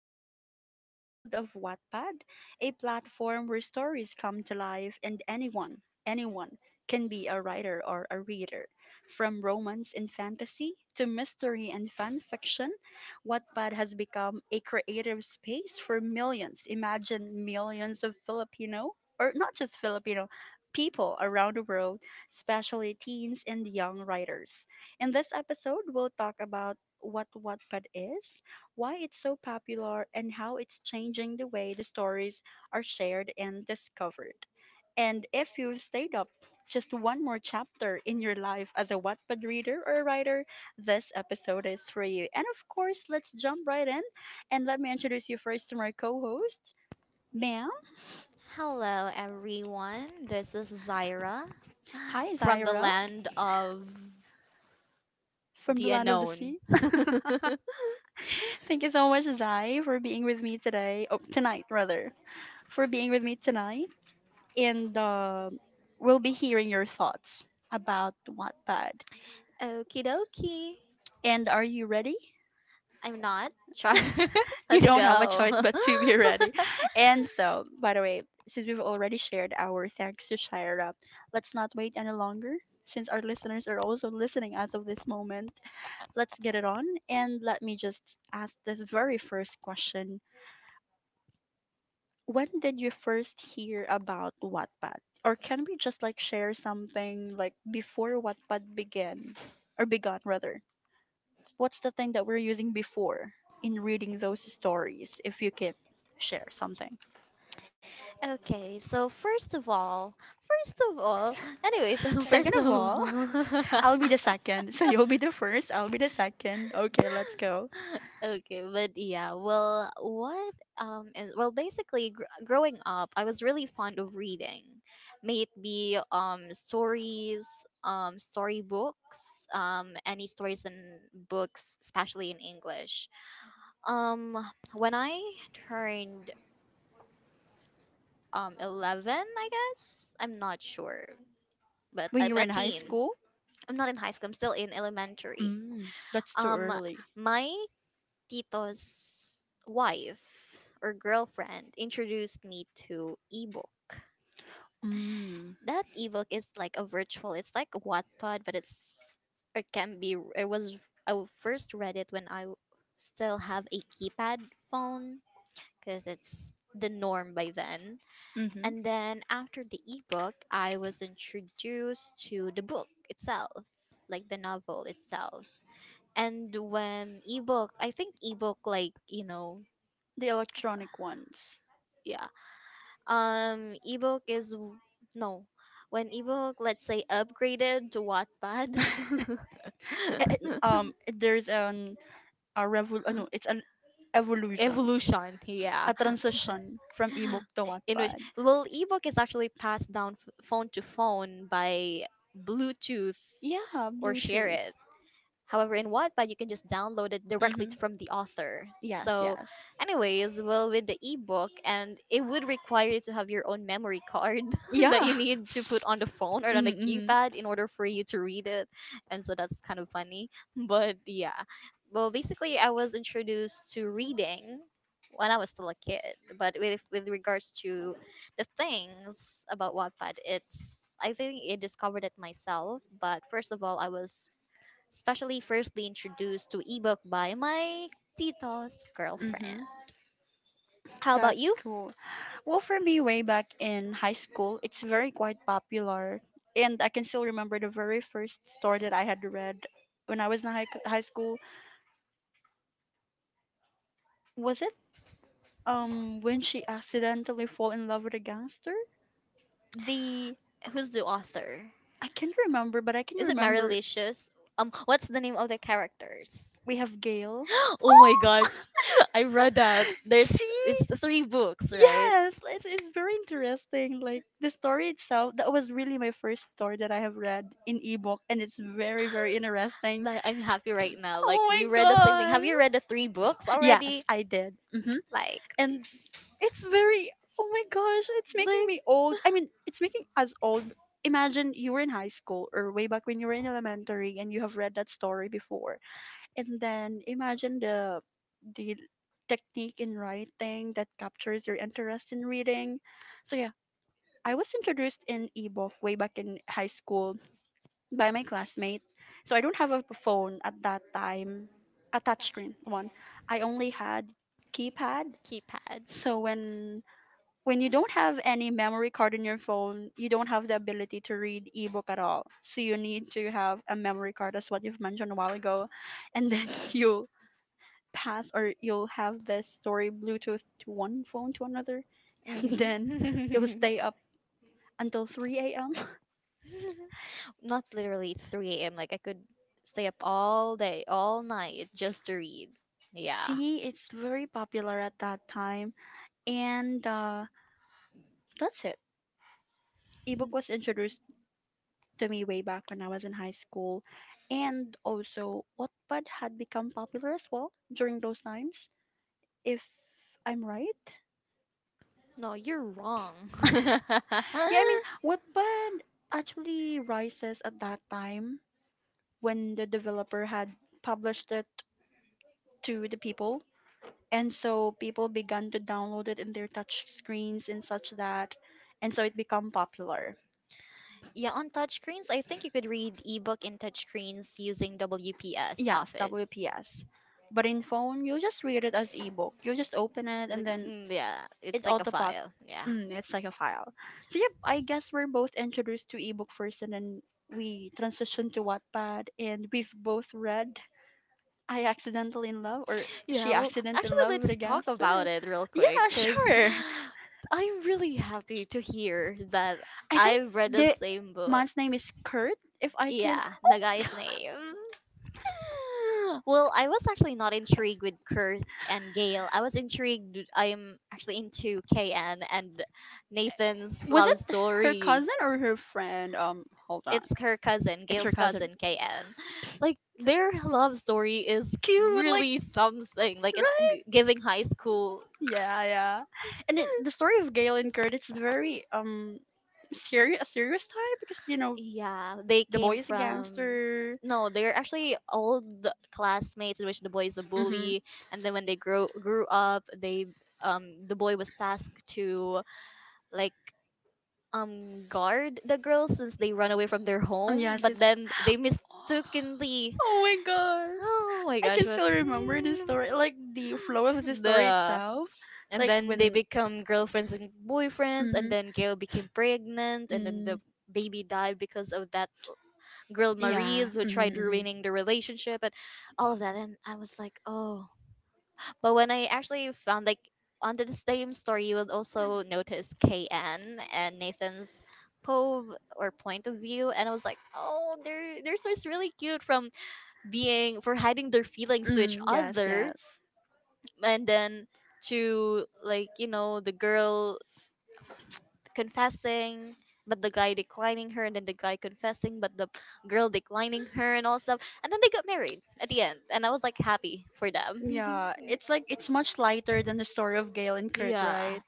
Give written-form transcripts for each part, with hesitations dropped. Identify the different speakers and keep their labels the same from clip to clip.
Speaker 1: diving into the world of Wattpad, a platform where stories come to life and anyone, anyone can be a writer or a reader. From romance and fantasy to mystery and fan fiction, Wattpad has become a creative space for millions, imagine millions of Filipino, or not just Filipino, people around the world, especially teens and young writers. In this episode, we'll talk about what Wattpad is, why it's so popular, and how it's changing the way the stories are shared and discovered. And if you've stayed up just one more chapter in your life as a Wattpad reader or writer, this episode is for you. And of course, let's jump right in and let me introduce you first to my co host, ma'am.
Speaker 2: Everyone, this is Zaira
Speaker 1: Hi,
Speaker 2: from the
Speaker 1: Zaira
Speaker 2: land of
Speaker 1: from the
Speaker 2: the
Speaker 1: land of the
Speaker 2: unknown.
Speaker 1: sea. Thank you so much, Zai, for being with me today. Oh, tonight, rather. For being with me tonight. And we'll be hearing your thoughts about Wattpad.
Speaker 2: Okie dokie,
Speaker 1: And are you ready?
Speaker 2: I'm not char.
Speaker 1: You
Speaker 2: Let's
Speaker 1: don't have a
Speaker 2: go.
Speaker 1: choice but to be ready. And so, by the way, since we've already shared our thanks to Shira, let's not wait any longer. Since our listeners are also listening as of this moment, let's get it on. And let me just ask this very first question, when did you first hear about Wattpad? Or can we just like share something like before Wattpad began or begun rather? What's the thing that we're using before in reading those stories, if you can share something?
Speaker 2: Okay, so first of all, first of all, anyways,
Speaker 1: Second
Speaker 2: first
Speaker 1: of
Speaker 2: of all.
Speaker 1: all, I'll be the second. So you'll be the first, I'll be the second. Okay, let's go.
Speaker 2: Okay, but yeah, well, what is well basically growing up, I was really fond of reading, may it be stories, storybooks, any stories and books, especially in English. Um, when I turned 11, I guess, I'm not sure, but
Speaker 1: When you
Speaker 2: I'm
Speaker 1: were
Speaker 2: a
Speaker 1: in high
Speaker 2: teen.
Speaker 1: school?
Speaker 2: I'm not in high school. I'm still in elementary.
Speaker 1: Mm, that's too
Speaker 2: Um,
Speaker 1: early.
Speaker 2: my tito's wife or girlfriend introduced me to ebook.
Speaker 1: Mm.
Speaker 2: That ebook is like a virtual, it's like a Wattpad, but it can be. It was I first read it when I still have a keypad phone, because it's the norm by then.
Speaker 1: Mhm.
Speaker 2: And then after the ebook, I was introduced to the book itself, like the novel itself. And when ebook, I think ebook, like, you know,
Speaker 1: The electronic ones.
Speaker 2: yeah. Ebook is w- no. When ebook, let's say, upgraded to Wattpad.
Speaker 1: eh, there's an a revol no, it's an evolution,
Speaker 2: Evolution, yeah.
Speaker 1: a transition from ebook to
Speaker 2: In which,
Speaker 1: Wattpad.
Speaker 2: well, ebook is actually passed down phone to phone by Bluetooth,
Speaker 1: Yeah,
Speaker 2: or share
Speaker 1: Bluetooth.
Speaker 2: it. However, in Wattpad, you can just download it directly
Speaker 1: Mhm.
Speaker 2: from the author.
Speaker 1: Yes,
Speaker 2: So,
Speaker 1: yes.
Speaker 2: anyways, well, with the ebook, and it would require you to have your own memory card that
Speaker 1: Yeah.
Speaker 2: you need to put on the phone or on the
Speaker 1: Mhm.
Speaker 2: keypad in order for you to read it. And so that's kind of funny. But yeah, well, basically, I was introduced to reading when I was still a kid. But with, regards to the things about Wattpad, it's, I think I discovered it myself. But first of all, I was especially firstly introduced to ebook by my tito's
Speaker 1: Mhm.
Speaker 2: girlfriend.
Speaker 1: Mhm.
Speaker 2: How about
Speaker 1: That's
Speaker 2: you?
Speaker 1: cool. Well, for me, way back in high school, it's very quite popular. And I can still remember the very first story that I had read when I was in high school. Was it when she accidentally fall in love with a gangster? The
Speaker 2: Who's the author?
Speaker 1: I can't remember, but I can
Speaker 2: Is it
Speaker 1: remember
Speaker 2: Marilicious? What's the name of the characters?
Speaker 1: we have Gail.
Speaker 2: Oh my gosh, I read that. There's it's the
Speaker 1: See?
Speaker 2: three books, right?
Speaker 1: Yes, it's very interesting. Like the story itself, that was really my first story that I have read in ebook, and it's very, very interesting.
Speaker 2: Like, I'm happy right now. Like, we
Speaker 1: Oh my
Speaker 2: read the same thing. Have
Speaker 1: gosh.
Speaker 2: you read the three books
Speaker 1: Yes,
Speaker 2: already?
Speaker 1: I did. Hmm.
Speaker 2: Like,
Speaker 1: And it's very, oh my gosh, it's making me
Speaker 2: like,
Speaker 1: old. I mean, it's making us old. Imagine you were in high school or way back when you were in elementary and you have read that story before. And then imagine the technique in writing that captures your interest in reading. So yeah, I was introduced in ebook way back in high school by my classmate. So I don't have a phone at that time, a touchscreen one. I only had keypad.
Speaker 2: keypad.
Speaker 1: So when you don't have any memory card in your phone, you don't have the ability to read ebook at all. So you need to have a memory card as what you've mentioned a while ago, and then you pass or you'll have this story Bluetooth to one phone to another, and then you'll stay up until 3 a.m.
Speaker 2: Not literally 3 a.m. Like, I could stay up all day, all night just to read. Yeah.
Speaker 1: See, it's very popular at that time, and that's it. Ebook was introduced to me way back when I was in high school, and also Wattpad had become popular as well during those times, if I'm right.
Speaker 2: No, you're wrong.
Speaker 1: Yeah, I mean, Wattpad actually rises at that time when the developer had published it to the people, and so people began to download it in their touch screens and such that, and so it became popular.
Speaker 2: Yeah, on touchscreens, I think you could read ebook in touchscreens using WPS
Speaker 1: Yes,
Speaker 2: Office.
Speaker 1: WPS. But in phone you just read it as ebook, you just open it and
Speaker 2: Like,
Speaker 1: then
Speaker 2: mm, yeah, it's
Speaker 1: it
Speaker 2: like a
Speaker 1: auto pop.
Speaker 2: file. Yeah.
Speaker 1: It's like a file. So yep, I guess we're both introduced to ebook first, and then we transitioned to Wattpad, and we've both read, I accidentally in love, or she
Speaker 2: Yeah, well,
Speaker 1: accident in
Speaker 2: actually,
Speaker 1: love with
Speaker 2: let's
Speaker 1: a
Speaker 2: talk about
Speaker 1: gangster.
Speaker 2: it real quick
Speaker 1: Yeah.
Speaker 2: because
Speaker 1: Sure.
Speaker 2: I'm really happy to hear that
Speaker 1: I
Speaker 2: I
Speaker 1: think
Speaker 2: have read the
Speaker 1: the
Speaker 2: same book.
Speaker 1: man's name is Kurt. If I can,
Speaker 2: Yeah,
Speaker 1: oh
Speaker 2: the
Speaker 1: my
Speaker 2: guy's
Speaker 1: god,
Speaker 2: name. Well, I was actually not intrigued with Kurt and Gail. I was intrigued. I'm actually into KN and Nathan's
Speaker 1: was it
Speaker 2: love
Speaker 1: her
Speaker 2: story.
Speaker 1: cousin or her friend? Hold on,
Speaker 2: It's her cousin,
Speaker 1: it's her
Speaker 2: Gail's
Speaker 1: cousin.
Speaker 2: cousin, KN. Like, their love story is
Speaker 1: Cute, like,
Speaker 2: really something. Like, it's
Speaker 1: right?
Speaker 2: giving high school.
Speaker 1: Yeah, yeah. And the story of Gale and Kurt, it's very serious, a serious type because you know
Speaker 2: Yeah, they
Speaker 1: the boy
Speaker 2: came
Speaker 1: is a
Speaker 2: from.
Speaker 1: gangster.
Speaker 2: No, they're actually old classmates, in which the boy is a
Speaker 1: Mm-hmm.
Speaker 2: bully, and then when they grow grew up, they, the boy was tasked to, like, guard the girls, since they run away from their
Speaker 1: And
Speaker 2: home,
Speaker 1: yes,
Speaker 2: but
Speaker 1: it's.
Speaker 2: then they mistakenly,
Speaker 1: Oh my
Speaker 2: oh
Speaker 1: gosh.
Speaker 2: my
Speaker 1: I
Speaker 2: gosh,
Speaker 1: can
Speaker 2: what.
Speaker 1: still remember the story, like the flow of the
Speaker 2: Mm,
Speaker 1: story
Speaker 2: the,
Speaker 1: itself.
Speaker 2: and
Speaker 1: Like
Speaker 2: then they
Speaker 1: when.
Speaker 2: become girlfriends and boyfriends, and
Speaker 1: Mm-hmm.
Speaker 2: then Gail became pregnant, and then the
Speaker 1: Mm,
Speaker 2: baby died because of that girl
Speaker 1: yeah.
Speaker 2: Marie's, who
Speaker 1: Mm-hmm,
Speaker 2: tried
Speaker 1: mm-hmm.
Speaker 2: ruining the relationship and all of that, and I was like, oh. But when I actually found, like, under the same story, you will also notice KN and Nathan's pove, or point of view, and I was like, oh, they're, so it's really cute, from being for hiding their feelings to each
Speaker 1: Mm, yes,
Speaker 2: other,
Speaker 1: yes.
Speaker 2: and then to, like, you know, the girl confessing. But the guy declining her, and then the guy confessing, but the girl declining her, and all stuff. And then they got married at the end, and I was like, happy for them.
Speaker 1: Yeah, it's like it's much lighter than the story of Gale and Kurt,
Speaker 2: Yeah.
Speaker 1: right?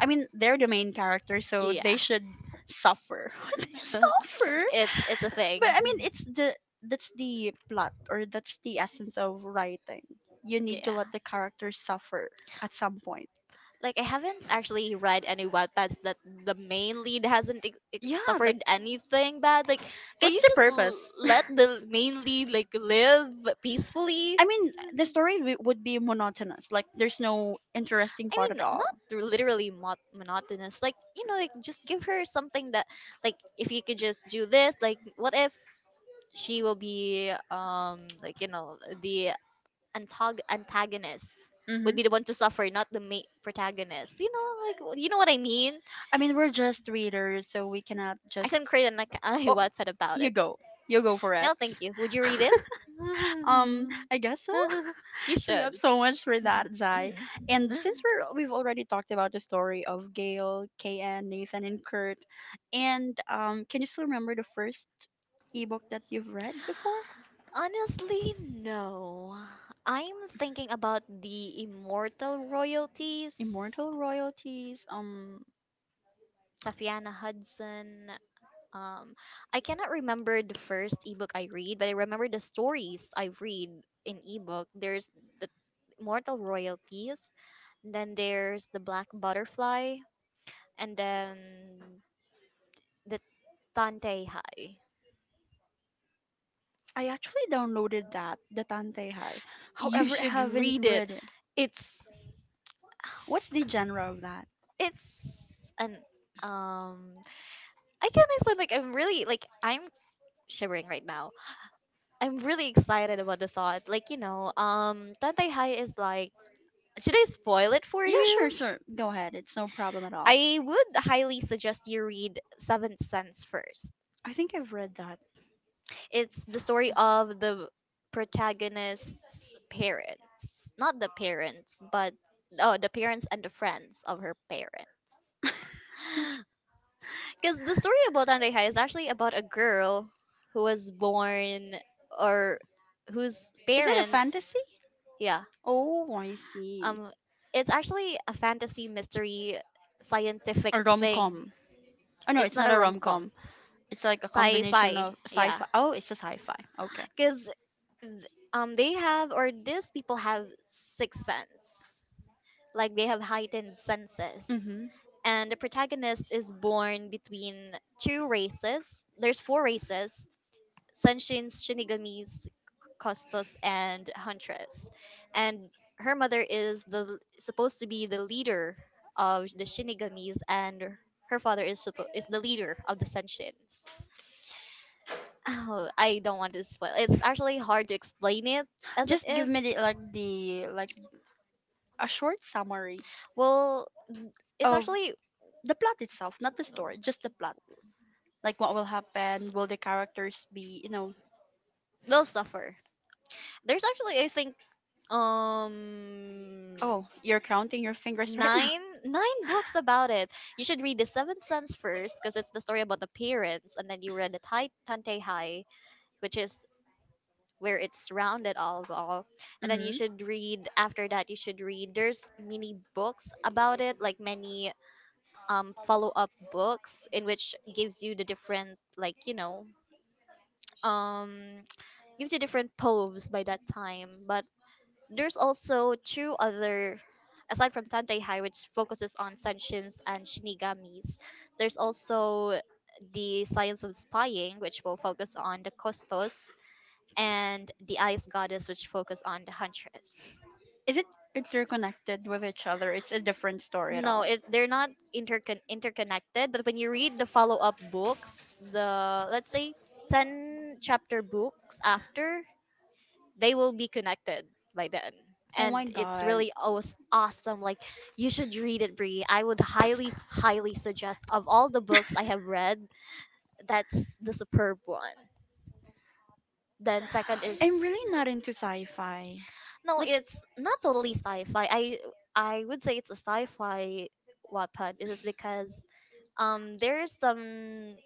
Speaker 1: I mean, they're the main character, so they
Speaker 2: Yeah.
Speaker 1: should suffer. They suffer.
Speaker 2: It's, a thing.
Speaker 1: But I mean, it's the that's the plot or that's the essence of writing. You need to
Speaker 2: Yeah.
Speaker 1: let the characters suffer at some point.
Speaker 2: Like, I haven't actually read any websites that the main lead hasn't
Speaker 1: Yeah, like
Speaker 2: suffered anything bad. Like, can you
Speaker 1: what's the
Speaker 2: just
Speaker 1: purpose?
Speaker 2: let the main lead, like, live peacefully?
Speaker 1: I mean, the story would be monotonous. Like there's no interesting
Speaker 2: I
Speaker 1: part
Speaker 2: mean,
Speaker 1: at all.
Speaker 2: not literally monotonous. Like, you know, like, just give her something that, like, if you could just do this, like, what if she will be, like, you know, the antagonist would
Speaker 1: Hmm.
Speaker 2: be the one to suffer, not the main protagonist. You know, like, you know what I mean.
Speaker 1: I mean, we're just readers, so we cannot
Speaker 2: I
Speaker 1: just.
Speaker 2: can create a
Speaker 1: Oh,
Speaker 2: Wattpad about
Speaker 1: you
Speaker 2: it.
Speaker 1: go. You go for it.
Speaker 2: No, thank you. Would you read it?
Speaker 1: I guess so.
Speaker 2: You
Speaker 1: So you have
Speaker 2: should.
Speaker 1: so much for that,
Speaker 2: Mhm.
Speaker 1: Zai.
Speaker 2: Mhm.
Speaker 1: And since we've already talked about the story of Gail, KN, Nathan, and Kurt, and can you still remember the first ebook that you've read before?
Speaker 2: Honestly, no. I'm thinking about the immortal royalties,
Speaker 1: Immortal Royalties.
Speaker 2: Tafiana Hudson. Um, I cannot remember the first ebook I read, but I remember the stories I read in ebook. There's the immortal royalties, then there's the black butterfly, and then the Tante Hai.
Speaker 1: I actually downloaded that, the Tante Hai.
Speaker 2: You
Speaker 1: However, I
Speaker 2: should
Speaker 1: haven't
Speaker 2: read it.
Speaker 1: read it.
Speaker 2: It's
Speaker 1: What's the genre of that?
Speaker 2: it's an um I can not explain. Like, I'm really, like, I'm shivering right now. I'm really excited about the thought. Like, you know, Tantay High is like. Should I spoil it for
Speaker 1: Yeah, sure,
Speaker 2: you?
Speaker 1: sure. Go ahead. It's no problem at all.
Speaker 2: I would highly suggest you read Seventh Sense first.
Speaker 1: I think I've read that.
Speaker 2: It's the story of the protagonist's parents, not the parents, but, oh, the parents and the friends of her parents. Because the story about Tantay High is actually about a girl who was born, or whose
Speaker 1: Is it a
Speaker 2: parents.
Speaker 1: fantasy?
Speaker 2: Yeah.
Speaker 1: Oh, I see.
Speaker 2: Um it's actually a fantasy mystery scientific
Speaker 1: A rom
Speaker 2: thing.
Speaker 1: com. Oh no,
Speaker 2: It's
Speaker 1: it's
Speaker 2: not
Speaker 1: not
Speaker 2: a
Speaker 1: a rom
Speaker 2: rom-com.
Speaker 1: com. It's like a combination of
Speaker 2: Sci-fi.
Speaker 1: sci
Speaker 2: Yeah.
Speaker 1: fi. Oh, it's a sci fi. Okay.
Speaker 2: Cuz, um, they have, or these people have sixth sense. Like, they have heightened senses.
Speaker 1: Hmm.
Speaker 2: And the protagonist is born between two races. There's four races. Senshins, Shinigamis, Costos and Huntress. And her mother is the supposed to be the leader of the Shinigamis, and her father is is the leader of the Senshins. Oh, I don't want to spoil. It's actually hard to explain it as it
Speaker 1: Just give
Speaker 2: is.
Speaker 1: me like the like a short summary, it's
Speaker 2: Well, it's
Speaker 1: of really
Speaker 2: actually
Speaker 1: the plot itself, not the
Speaker 2: no,
Speaker 1: story, just the plot. Like what will happen? Will the characters be,
Speaker 2: they'll suffer. There's actually, I think, um,
Speaker 1: oh, you're counting your fingers right now.
Speaker 2: nine books about it. You should read the Seventh Sense first, because it's the story about the parents, and then you read the Tai Tante Hai, which is where it's rounded all of all. And then you
Speaker 1: Hmm.
Speaker 2: should read after that. You should read, there's many books about it, like many follow up books, in which gives you the different, like, you know, um, gives you different poems by that time. But there's also two other, aside from Tanteihai, which focuses on senshins and shinigamis. There's also the science of spying, which will focus on the Kostos, and the ice goddess, which focus on the huntress.
Speaker 1: Is it interconnected with each other? It's a different story at
Speaker 2: No,
Speaker 1: all.
Speaker 2: it, they're not interconnected. But when you read the follow up books, the, let's say, ten chapter books after, they will be connected by then.
Speaker 1: Oh
Speaker 2: And
Speaker 1: my
Speaker 2: it's
Speaker 1: god.
Speaker 2: really always awesome. Like, you should read it, Bree. I would highly, highly suggest, of all the books I have read, that's the superb one. Then second is,
Speaker 1: I'm really not into sci-fi.
Speaker 2: no,
Speaker 1: Like,
Speaker 2: it's not totally sci-fi. I would say it's a sci-fi Wattpad. Is it's because, um, there's some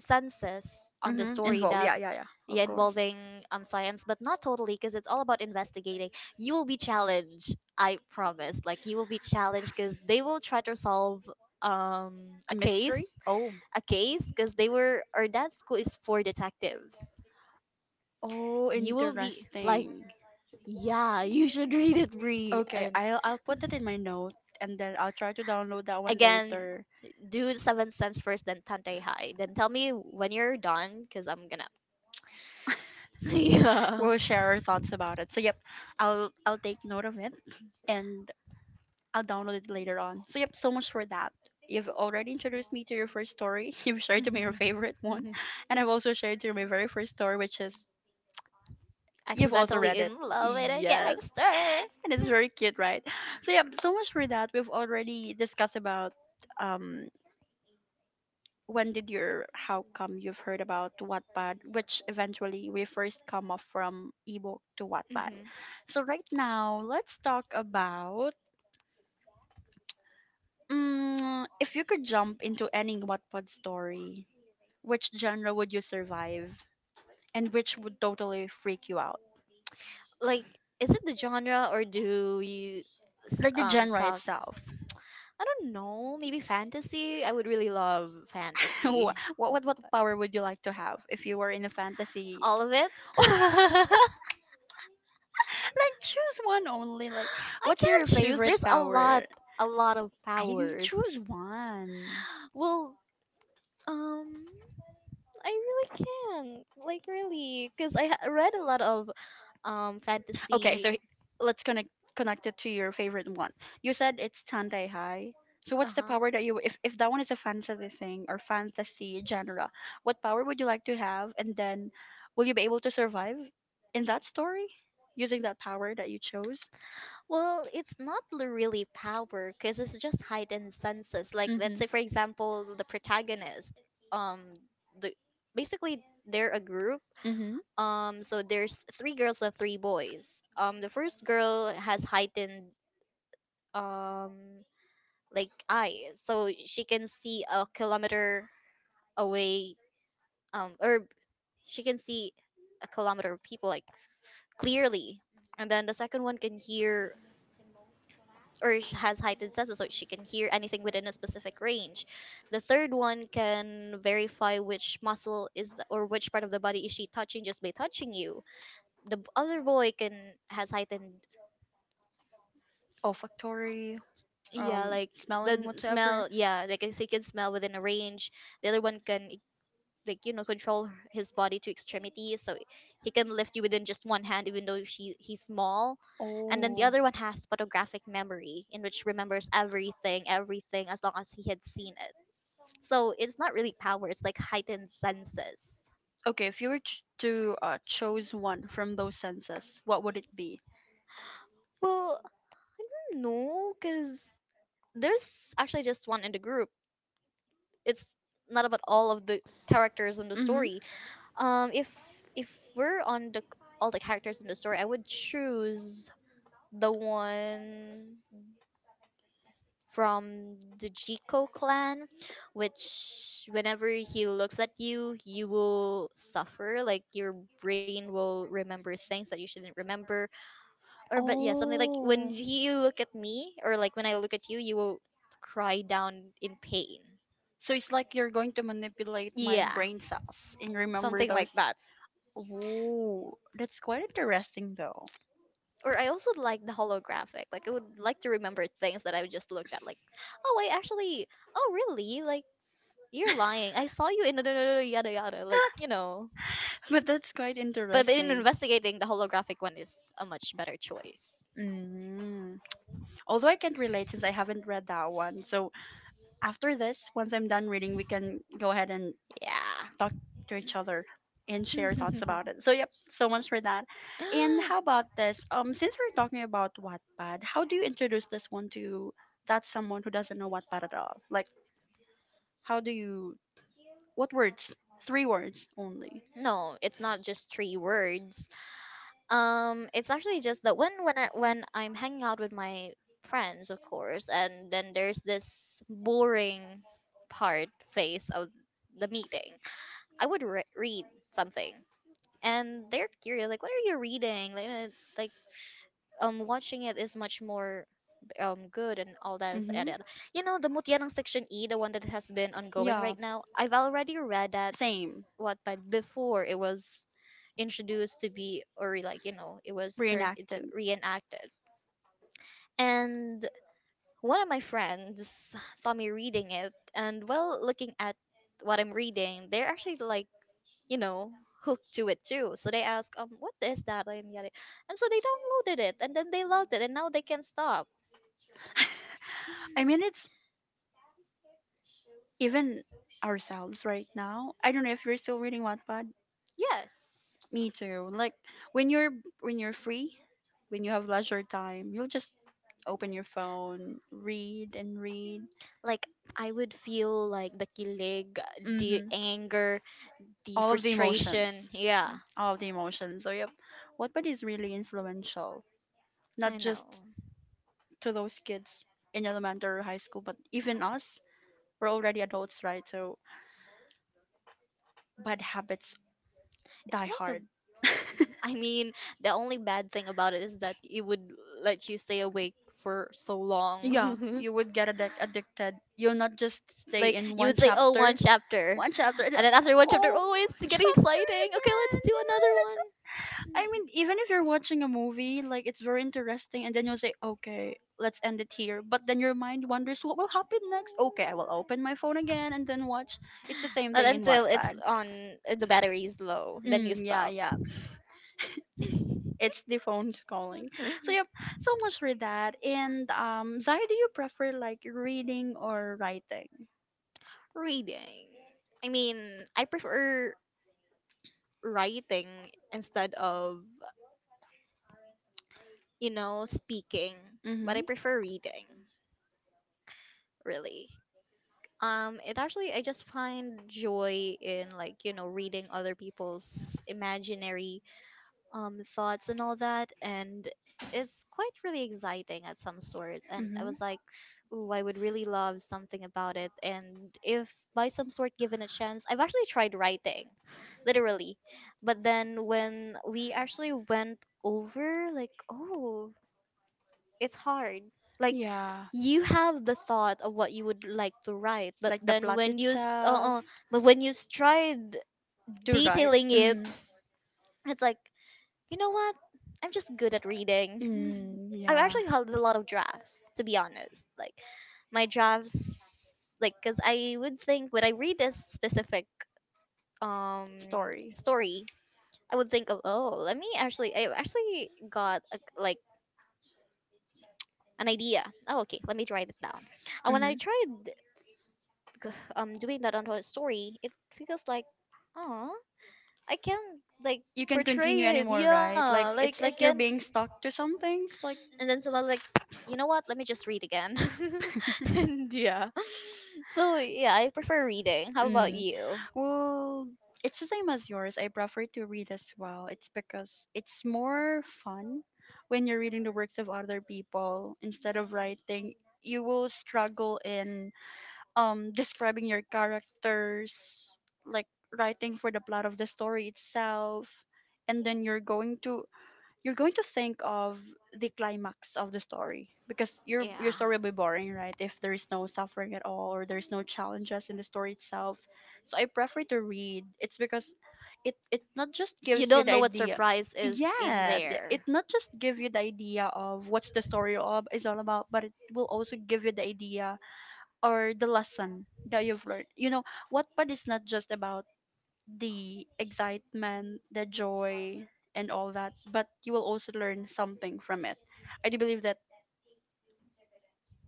Speaker 2: senses on the
Speaker 1: hmm,
Speaker 2: story
Speaker 1: involved.
Speaker 2: that,
Speaker 1: Yeah, yeah, yeah.
Speaker 2: yeah,
Speaker 1: Of course.
Speaker 2: involving, um, science, but not totally, because it's all about investigating. You will be challenged, I promise. Like, you will be challenged, because they will try to solve um
Speaker 1: A
Speaker 2: a
Speaker 1: mystery?
Speaker 2: case
Speaker 1: Oh.
Speaker 2: a case, because they were, or that school is for detectives.
Speaker 1: Oh,
Speaker 2: You will be like,
Speaker 1: interesting.
Speaker 2: yeah, you should read it, Bree.
Speaker 1: Okay,
Speaker 2: And
Speaker 1: I'll put it in my note and then I'll try to download that one
Speaker 2: again,
Speaker 1: later.
Speaker 2: do seven cents first, then Tante High. Then tell me when you're done, cause I'm gonna. Yeah.
Speaker 1: We'll share our thoughts about it. So yep, I'll take note of it and I'll download it later on. So yep, so much for that. You've already introduced me to your first story. You've shared to me your favorite
Speaker 2: Mhm.
Speaker 1: one,
Speaker 2: Mhm.
Speaker 1: and I've also shared to you my very first story, which is you've also
Speaker 2: Accidentally
Speaker 1: read it.
Speaker 2: in love with a
Speaker 1: Yes,
Speaker 2: gangster.
Speaker 1: and it's very cute, right? So yeah, so much for that. We've already discussed about um when did your how come you've heard about Wattpad, which eventually we first come off from ebook to Wattpad.
Speaker 2: Hmm.
Speaker 1: So right now, let's talk about if you could jump into any Wattpad story, which genre would you survive, and which would totally freak you out,
Speaker 2: Like, is it the genre, or do you
Speaker 1: like the genre
Speaker 2: talk?
Speaker 1: itself.
Speaker 2: I don't know. Maybe fantasy. I would really love
Speaker 1: what,
Speaker 2: fantasy.
Speaker 1: what what power would you like to have if you were in a fantasy?
Speaker 2: All of it. I
Speaker 1: Like choose one only. Like what's
Speaker 2: can't
Speaker 1: your
Speaker 2: choose.
Speaker 1: favorite
Speaker 2: There's
Speaker 1: power?
Speaker 2: a lot of
Speaker 1: I didn't
Speaker 2: powers.
Speaker 1: choose one.
Speaker 2: Well, um, I really can. Like, really, because I read a lot of
Speaker 1: Okay,
Speaker 2: fantasy.
Speaker 1: so let's connect it to your favorite one. You said it's Tandai High. So
Speaker 2: Uh
Speaker 1: what's the
Speaker 2: huh.
Speaker 1: power that you if that one is a fantasy thing or fantasy genre, what power would you like to have, and then will you be able to survive in that story using that power that you chose?
Speaker 2: Well, it's not really power, because it's just heightened senses. Like, let's
Speaker 1: Mm-hmm.
Speaker 2: say for example, the protagonist, um, the basically they're a group.
Speaker 1: Mm-hmm.
Speaker 2: So there's 3 girls and 3 boys. The first girl has heightened um like eyes, so she can see a kilometer away. Or she can see a kilometer of people, like, clearly, and then the second one can hear, or has heightened senses, so she can hear anything within a specific range. The third one can verify which muscle is the, or which part of the body is she touching, just by touching you. The other boy can has heightened,
Speaker 1: Olfactory,
Speaker 2: yeah, like,
Speaker 1: smelling whatever.
Speaker 2: smell, yeah, like, if he can smell within a range. The other one can like control his body to extremities, so he can lift you within just one hand, even though she he's small. And then the
Speaker 1: Oh.
Speaker 2: other one has photographic memory, in which remembers everything as long as he had seen it. So it's not really power, it's like heightened senses.
Speaker 1: Okay, if you were to choose one from those senses, what would it be?
Speaker 2: Well, no, because there's actually just one in the group. It's not about all of the characters in the
Speaker 1: Mm-hmm.
Speaker 2: story. Um if if we're on the all the characters in the story, I would choose the one from the Jiko clan, which whenever he looks at you, you will suffer. Like, your brain will remember things that you shouldn't remember. Or but yeah, something like when you look at me, or like when I look at you, you will cry down in pain.
Speaker 1: So it's like you're going to manipulate.
Speaker 2: Yeah, something like that.
Speaker 1: That's quite interesting, though.
Speaker 2: Or I also like the holographic. Like, I would like to remember things that I just looked at. Like, oh, I actually, oh really? Like, you're lying. I saw you in the yada yada. Like.
Speaker 1: But that's quite
Speaker 2: But in
Speaker 1: interesting.
Speaker 2: investigating, the holographic one is a much better choice.
Speaker 1: Mm. Although I can't relate since I haven't read that one. So after this, once I'm done reading, we can go ahead and
Speaker 2: Yeah.
Speaker 1: talk to each other and share thoughts about it. So yep, so much for that. And how about this? Since we're talking about Wattpad, how do you introduce this one to that someone who doesn't know Wattpad at all? Like, how do you? What words? Three words only.
Speaker 2: No, it's not just three words. It's actually just that when I'm hanging out with my friends, of course, and then there's this boring part phase of the meeting. I would read something, and they're curious, like, what are you reading, like, like, watching it is much more, good, and all that is
Speaker 1: Mm-hmm.
Speaker 2: added. You know the Mutyanang Section E, the one that has been ongoing
Speaker 1: Yeah.
Speaker 2: right now. I've already read that.
Speaker 1: Same.
Speaker 2: What? But before it was introduced to be, or, like, you know, it was turned into,
Speaker 1: Reenacted.
Speaker 2: reenacted. And one of my friends saw me reading it, and, well, looking at what I'm reading, they're actually, like, you know, hooked to it too. So they ask, what is that? And yada. And so they downloaded it, and then they loved it, and now they can't stop.
Speaker 1: I mean, it's even ourselves right now. I don't know if you're still reading Wattpad.
Speaker 2: Yes.
Speaker 1: Me too. Like when you're when you're free, when you have leisure time, you'll just open your phone, read and read.
Speaker 2: Like, I would feel like the kilig, the
Speaker 1: Mm-hmm.
Speaker 2: anger, the
Speaker 1: All of the emotions.
Speaker 2: frustration. Yeah,
Speaker 1: All of the emotions. So yep, Wattpad is really influential, not
Speaker 2: I know.
Speaker 1: just to those kids in elementary or high school, but even us. We're already adults, right? So bad habits
Speaker 2: It's
Speaker 1: die
Speaker 2: not the.
Speaker 1: hard.
Speaker 2: I mean, the only bad thing about it is that it would let you stay awake for so
Speaker 1: Yeah,
Speaker 2: long.
Speaker 1: you would get addicted. You'll not just stay
Speaker 2: Like,
Speaker 1: in
Speaker 2: you
Speaker 1: one
Speaker 2: would say, "Oh, one
Speaker 1: chapter.
Speaker 2: chapter,"
Speaker 1: One chapter, and
Speaker 2: and then after one chapter,
Speaker 1: oh,
Speaker 2: oh, it's getting
Speaker 1: chapter
Speaker 2: exciting. Okay, let's
Speaker 1: again.
Speaker 2: do another
Speaker 1: It's,
Speaker 2: one.
Speaker 1: I mean, even if you're watching a movie, like it's very interesting, and then you'll say, okay, let's end it here. But then your mind wonders what will happen next. Okay, I will open my phone again and then watch. It's the same
Speaker 2: Not
Speaker 1: thing in
Speaker 2: until it's
Speaker 1: Wattpad.
Speaker 2: on, the battery is low, then you
Speaker 1: Mm, yeah,
Speaker 2: stop.
Speaker 1: yeah. It's the phone's calling. So yep, so much for that. And Zai, do you prefer like reading or writing?
Speaker 2: Reading. I mean, I prefer writing instead of, speaking, but
Speaker 1: Mm-hmm.
Speaker 2: I prefer reading, really. It actually, I just find joy in, like, reading other people's imaginary thoughts and all that, and it's quite really exciting at some sort. And I
Speaker 1: Mm-hmm.
Speaker 2: was like, ooh, I would really love something about it. And if by some sort given a chance, I've actually tried writing, literally. But then when we actually went over, like, oh, it's hard. Like,
Speaker 1: Yeah,
Speaker 2: you have the thought of what you would like to write, but
Speaker 1: like the
Speaker 2: then
Speaker 1: plot
Speaker 2: when you s-
Speaker 1: itself
Speaker 2: but when you tried
Speaker 1: to write.
Speaker 2: detailing it,
Speaker 1: Mm.
Speaker 2: it's like, you know what? I'm just good at reading.
Speaker 1: Mm,
Speaker 2: I've
Speaker 1: yeah,
Speaker 2: actually held a lot of drafts, to be honest. Like, my drafts, like, because I would think when I read a specific um
Speaker 1: story.
Speaker 2: story, I would think of, oh, let me actually. I actually got a, like, an idea. Oh, okay, let me write it down. And when I
Speaker 1: Mm-hmm.
Speaker 2: tried g- doing that onto a story, it feels like, oh, I can't, like,
Speaker 1: You can continue
Speaker 2: portray it.
Speaker 1: anymore, right?
Speaker 2: Yeah,
Speaker 1: Like
Speaker 2: like, I
Speaker 1: it's like you're
Speaker 2: can't.
Speaker 1: being stuck to some things. Like
Speaker 2: And then someone, like, you know what? Let me just read again. And yeah, so yeah, I prefer reading. How about
Speaker 1: Mm.
Speaker 2: you?
Speaker 1: Well, it's the same as yours. I prefer to read as well. It's because it's more fun when you're reading the works of other people instead of writing. You will struggle in describing your characters, like writing for the plot of the story itself. And then you're going to think of the climax of the story, because your story will be boring, right? If there is no suffering at all, or there's no challenges in the story itself. So I prefer to read. It's because it not just
Speaker 2: You
Speaker 1: gives you
Speaker 2: don't
Speaker 1: the
Speaker 2: know what
Speaker 1: idea.
Speaker 2: surprise is in
Speaker 1: Yes, it
Speaker 2: there.
Speaker 1: not just give you the idea of what's the story all, is all about, but it will also give you the idea or the lesson that you've learned. You know, Wattpad is not just about the excitement, the joy, and all that, but you will also learn something from it. I do believe that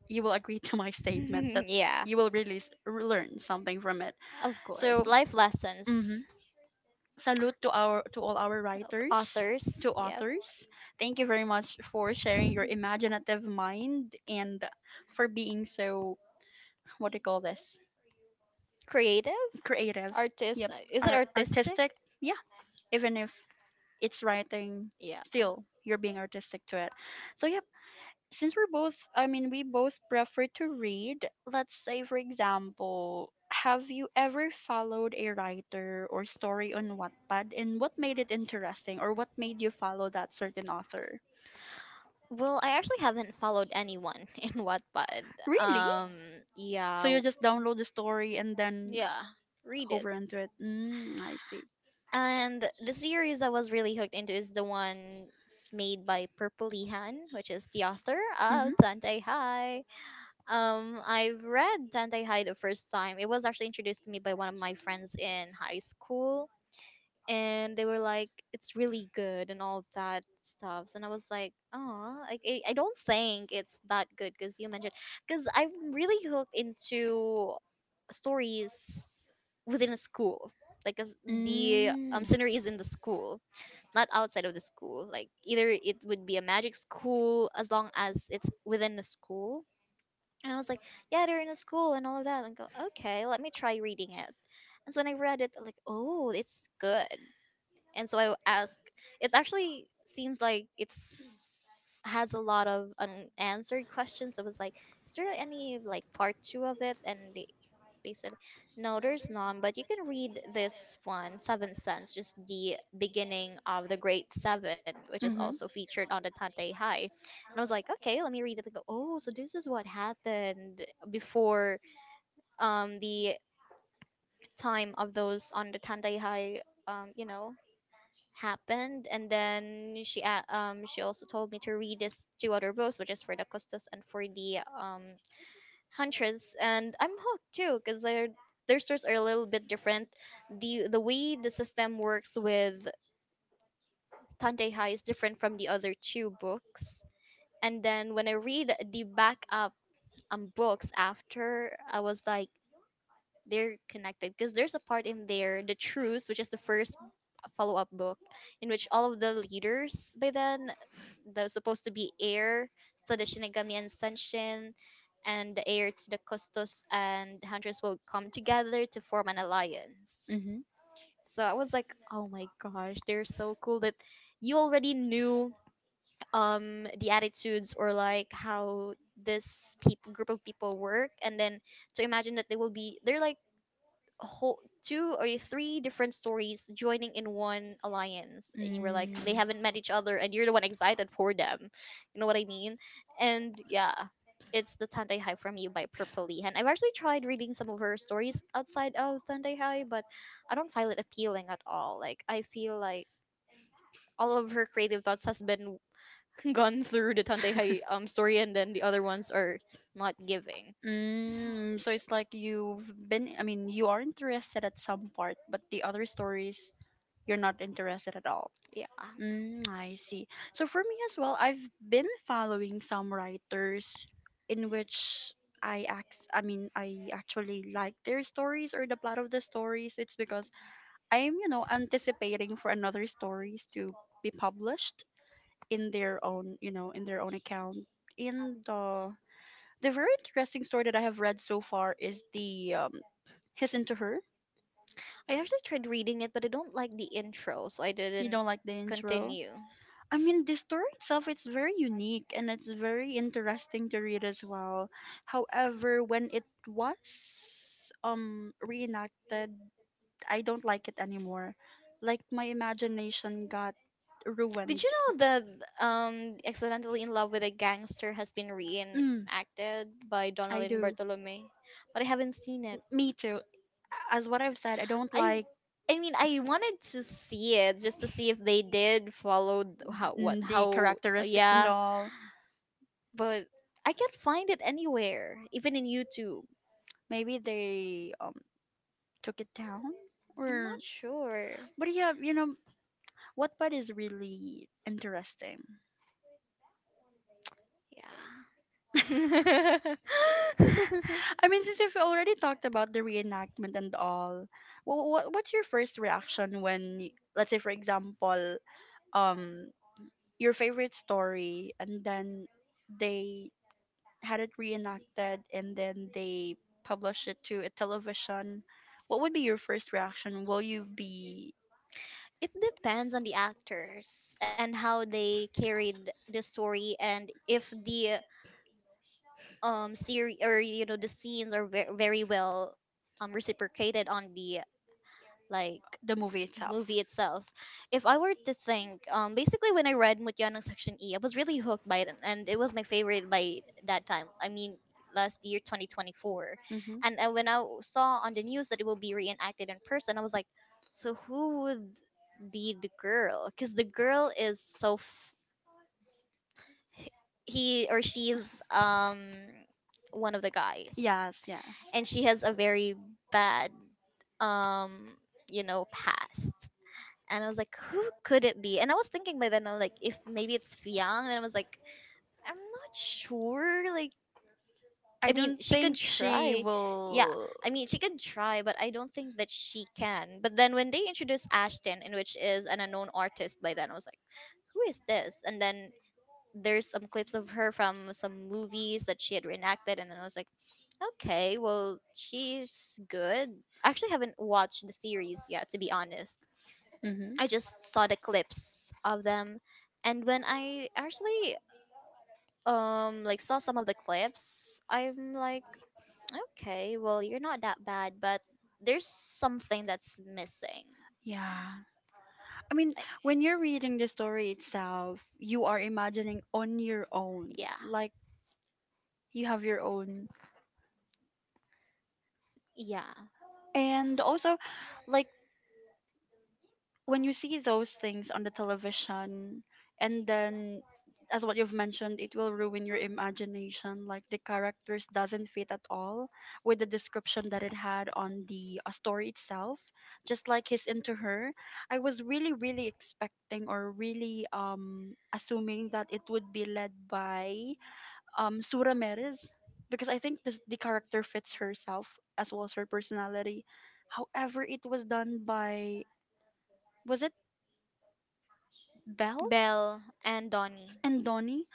Speaker 1: you will agree to my statement that
Speaker 2: Yeah,
Speaker 1: you will really learn something from it.
Speaker 2: of course.
Speaker 1: So,
Speaker 2: Life lessons.
Speaker 1: mhm, salute to our to all our writers,
Speaker 2: Authors.
Speaker 1: to
Speaker 2: Yep.
Speaker 1: authors. Thank you very much for sharing your imaginative mind and for being so, what do you call this?
Speaker 2: Creative.
Speaker 1: Creative.
Speaker 2: Artist.
Speaker 1: Yep.
Speaker 2: Is it
Speaker 1: Art,
Speaker 2: artistic?
Speaker 1: artistic. Yeah. Even if it's writing,
Speaker 2: Yeah.
Speaker 1: still you're being artistic to it. So yep. Since we're both, I mean, we both prefer to read. Let's say, for example, have you ever followed a writer or story on Wattpad, and what made it interesting, or what made you follow that certain author?
Speaker 2: Well, I actually haven't followed anyone in Wattpad.
Speaker 1: Really?
Speaker 2: Um. Yeah.
Speaker 1: So you just download the story and then
Speaker 2: Yeah. Read it.
Speaker 1: hover into it. Mm, I see.
Speaker 2: And the series I was really hooked into is the one made by Purple Ihan, which is the author
Speaker 1: Hmm.
Speaker 2: of Dante High. I've read Dante High the first time. It was actually introduced to me by one of my friends in high school, and they were like, "It's really good" and all that stuff. And I was like, "Oh, like, I don't think it's that good," because you mentioned, because I'm really hooked into stories within a school, like, as the
Speaker 1: Mm.
Speaker 2: scenery is in the school, not outside of the school, like, either it would be a magic school as long as it's within the school. And I was like, yeah, they're in a school and all of that, and go, okay, let me try reading it. And so when I read it, I'm like, oh, it's good. And so I asked, it actually seems like it's has a lot of unanswered questions. I was like, is there any, like, part 2 of it? And they said, no, there's none, but you can read this one, Seventh Sense, just the beginning of the Great Seven, which is also featured on the Tantei High. And I was like, okay, let me read it. I go, oh, so this is what happened before the time of those on the Tantei High, um, you know, happened. And then she she also told me to read this two other books, which is for the custos and for the hunches. And I'm hooked too, because their stores are a little bit different. The way the system works with tante hai is different from the other two books. And then when I read the backup, books after, I was like, they're connected, because there's a part in there, the truce, which is the first follow-up book, in which all of the leaders by then that was supposed to be heir to the shinigami and senshin, and the heir to the Costos and hunters will come together to form an alliance.
Speaker 1: Mm-hmm.
Speaker 2: So I was like, oh my gosh, they're so cool that you already knew the attitudes, or like how this peop group of people work. And then to imagine that they will be they're like, whole two or three different stories joining in one alliance, and you were like, they
Speaker 1: They.
Speaker 2: haven't met each other, and you're the one excited for them. You know what I mean. And yeah, it's the Tandai High from you by Purple Lee. I've actually tried reading some of her stories outside of Tandai High, but I don't find it appealing at all. Like, I feel like all of her creative thoughts has been gone through the Tandai High story, and then the other ones are not giving.
Speaker 1: Mm. So it's like you've been, I mean, you are interested at some part, but the other stories, you're not interested at all.
Speaker 2: Yeah.
Speaker 1: Mm, I see. So for me as well, I've been following some writers in which I mean I actually like their stories or the plot of the stories. It's because I'm, you know, anticipating for another stories to be published in their own, you know, in their own account. In the very interesting story that I have read so far is the His and to Her.
Speaker 2: I actually tried reading it, but I don't like the intro, so I
Speaker 1: You
Speaker 2: didn't
Speaker 1: don't like the intro?
Speaker 2: continue.
Speaker 1: I mean, the story itself is very unique and it's very interesting to read as well. However, when it was reenacted, I don't like it anymore. Like my imagination got
Speaker 2: Did
Speaker 1: ruined.
Speaker 2: you know that Accidentally in Love with a Gangster has been
Speaker 1: Mm,
Speaker 2: reenacted by
Speaker 1: I
Speaker 2: Donalyn
Speaker 1: do.
Speaker 2: Bartolome? But I haven't seen it.
Speaker 1: Me too. As what I've said, I don't
Speaker 2: I
Speaker 1: like.
Speaker 2: I mean I wanted to see it just to see if they did follow th- how what
Speaker 1: Mm, the
Speaker 2: how
Speaker 1: characteristics and
Speaker 2: yeah,
Speaker 1: all.
Speaker 2: but I can't find it anywhere, even in YouTube.
Speaker 1: Maybe they took it down,
Speaker 2: I'm
Speaker 1: or
Speaker 2: not sure.
Speaker 1: but yeah, you know, Wattpad is really interesting.
Speaker 2: Yeah. It
Speaker 1: I mean, since we've already talked about the reenactment and all, what's your first reaction when, let's say, for example, um, your favorite story, and then they had it reenacted, and then they published it to a television? What would be your first reaction? Will you be
Speaker 2: depends on the actors and how they carried the story, and if the series, or, you know, the scenes are very well reciprocated on the, like,
Speaker 1: the movie itself.
Speaker 2: movie itself. If I were to think, basically when I read Mutyanang Section E, I was really hooked by it, and it was my favorite by that time. I mean, last year, 2024,
Speaker 1: Hmm.
Speaker 2: and when I saw on the news that it will be reenacted in person, I was like, so who would be the girl? Because the girl is so he or she is, one of the guys,
Speaker 1: Yes, yes.
Speaker 2: and she has a very bad, um past. And I was like, who could it be? And I was thinking by then, I was like, if maybe it's Fiang, and I was like, I'm not sure. Like,
Speaker 1: I
Speaker 2: I mean,
Speaker 1: don't
Speaker 2: she could
Speaker 1: think she
Speaker 2: try. Yeah,
Speaker 1: will.
Speaker 2: I mean, she could try, but I don't think that she can. But then when they introduced Ashton, in which is an unknown artist by then, I was like, who is this? And then there's some clips of her from some movies that she had reenacted, and then I was like, okay, well, she's good. I actually haven't watched the series yet, to be honest.
Speaker 1: Mm-hmm.
Speaker 2: I just saw the clips of them, and when I actually like saw some of the clips, I'm like, okay, well, you're not that bad, but there's something that's missing.
Speaker 1: Yeah. I mean,
Speaker 2: Like,
Speaker 1: when you're reading the story itself, you are imagining on your own.
Speaker 2: yeah,
Speaker 1: Like, you have your own.
Speaker 2: yeah,
Speaker 1: And also, like when you see those things on the television, and then as what you've mentioned, it will ruin your imagination. Like the characters doesn't fit at all with the description that it had on the story itself. Just like he's into her, I was really, really expecting, or really assuming that it would be led by Sura Meres, because I think this, the character fits herself as well as her personality. However, it was done by, was it Belle
Speaker 2: Belle and Donnie,
Speaker 1: and Donnie?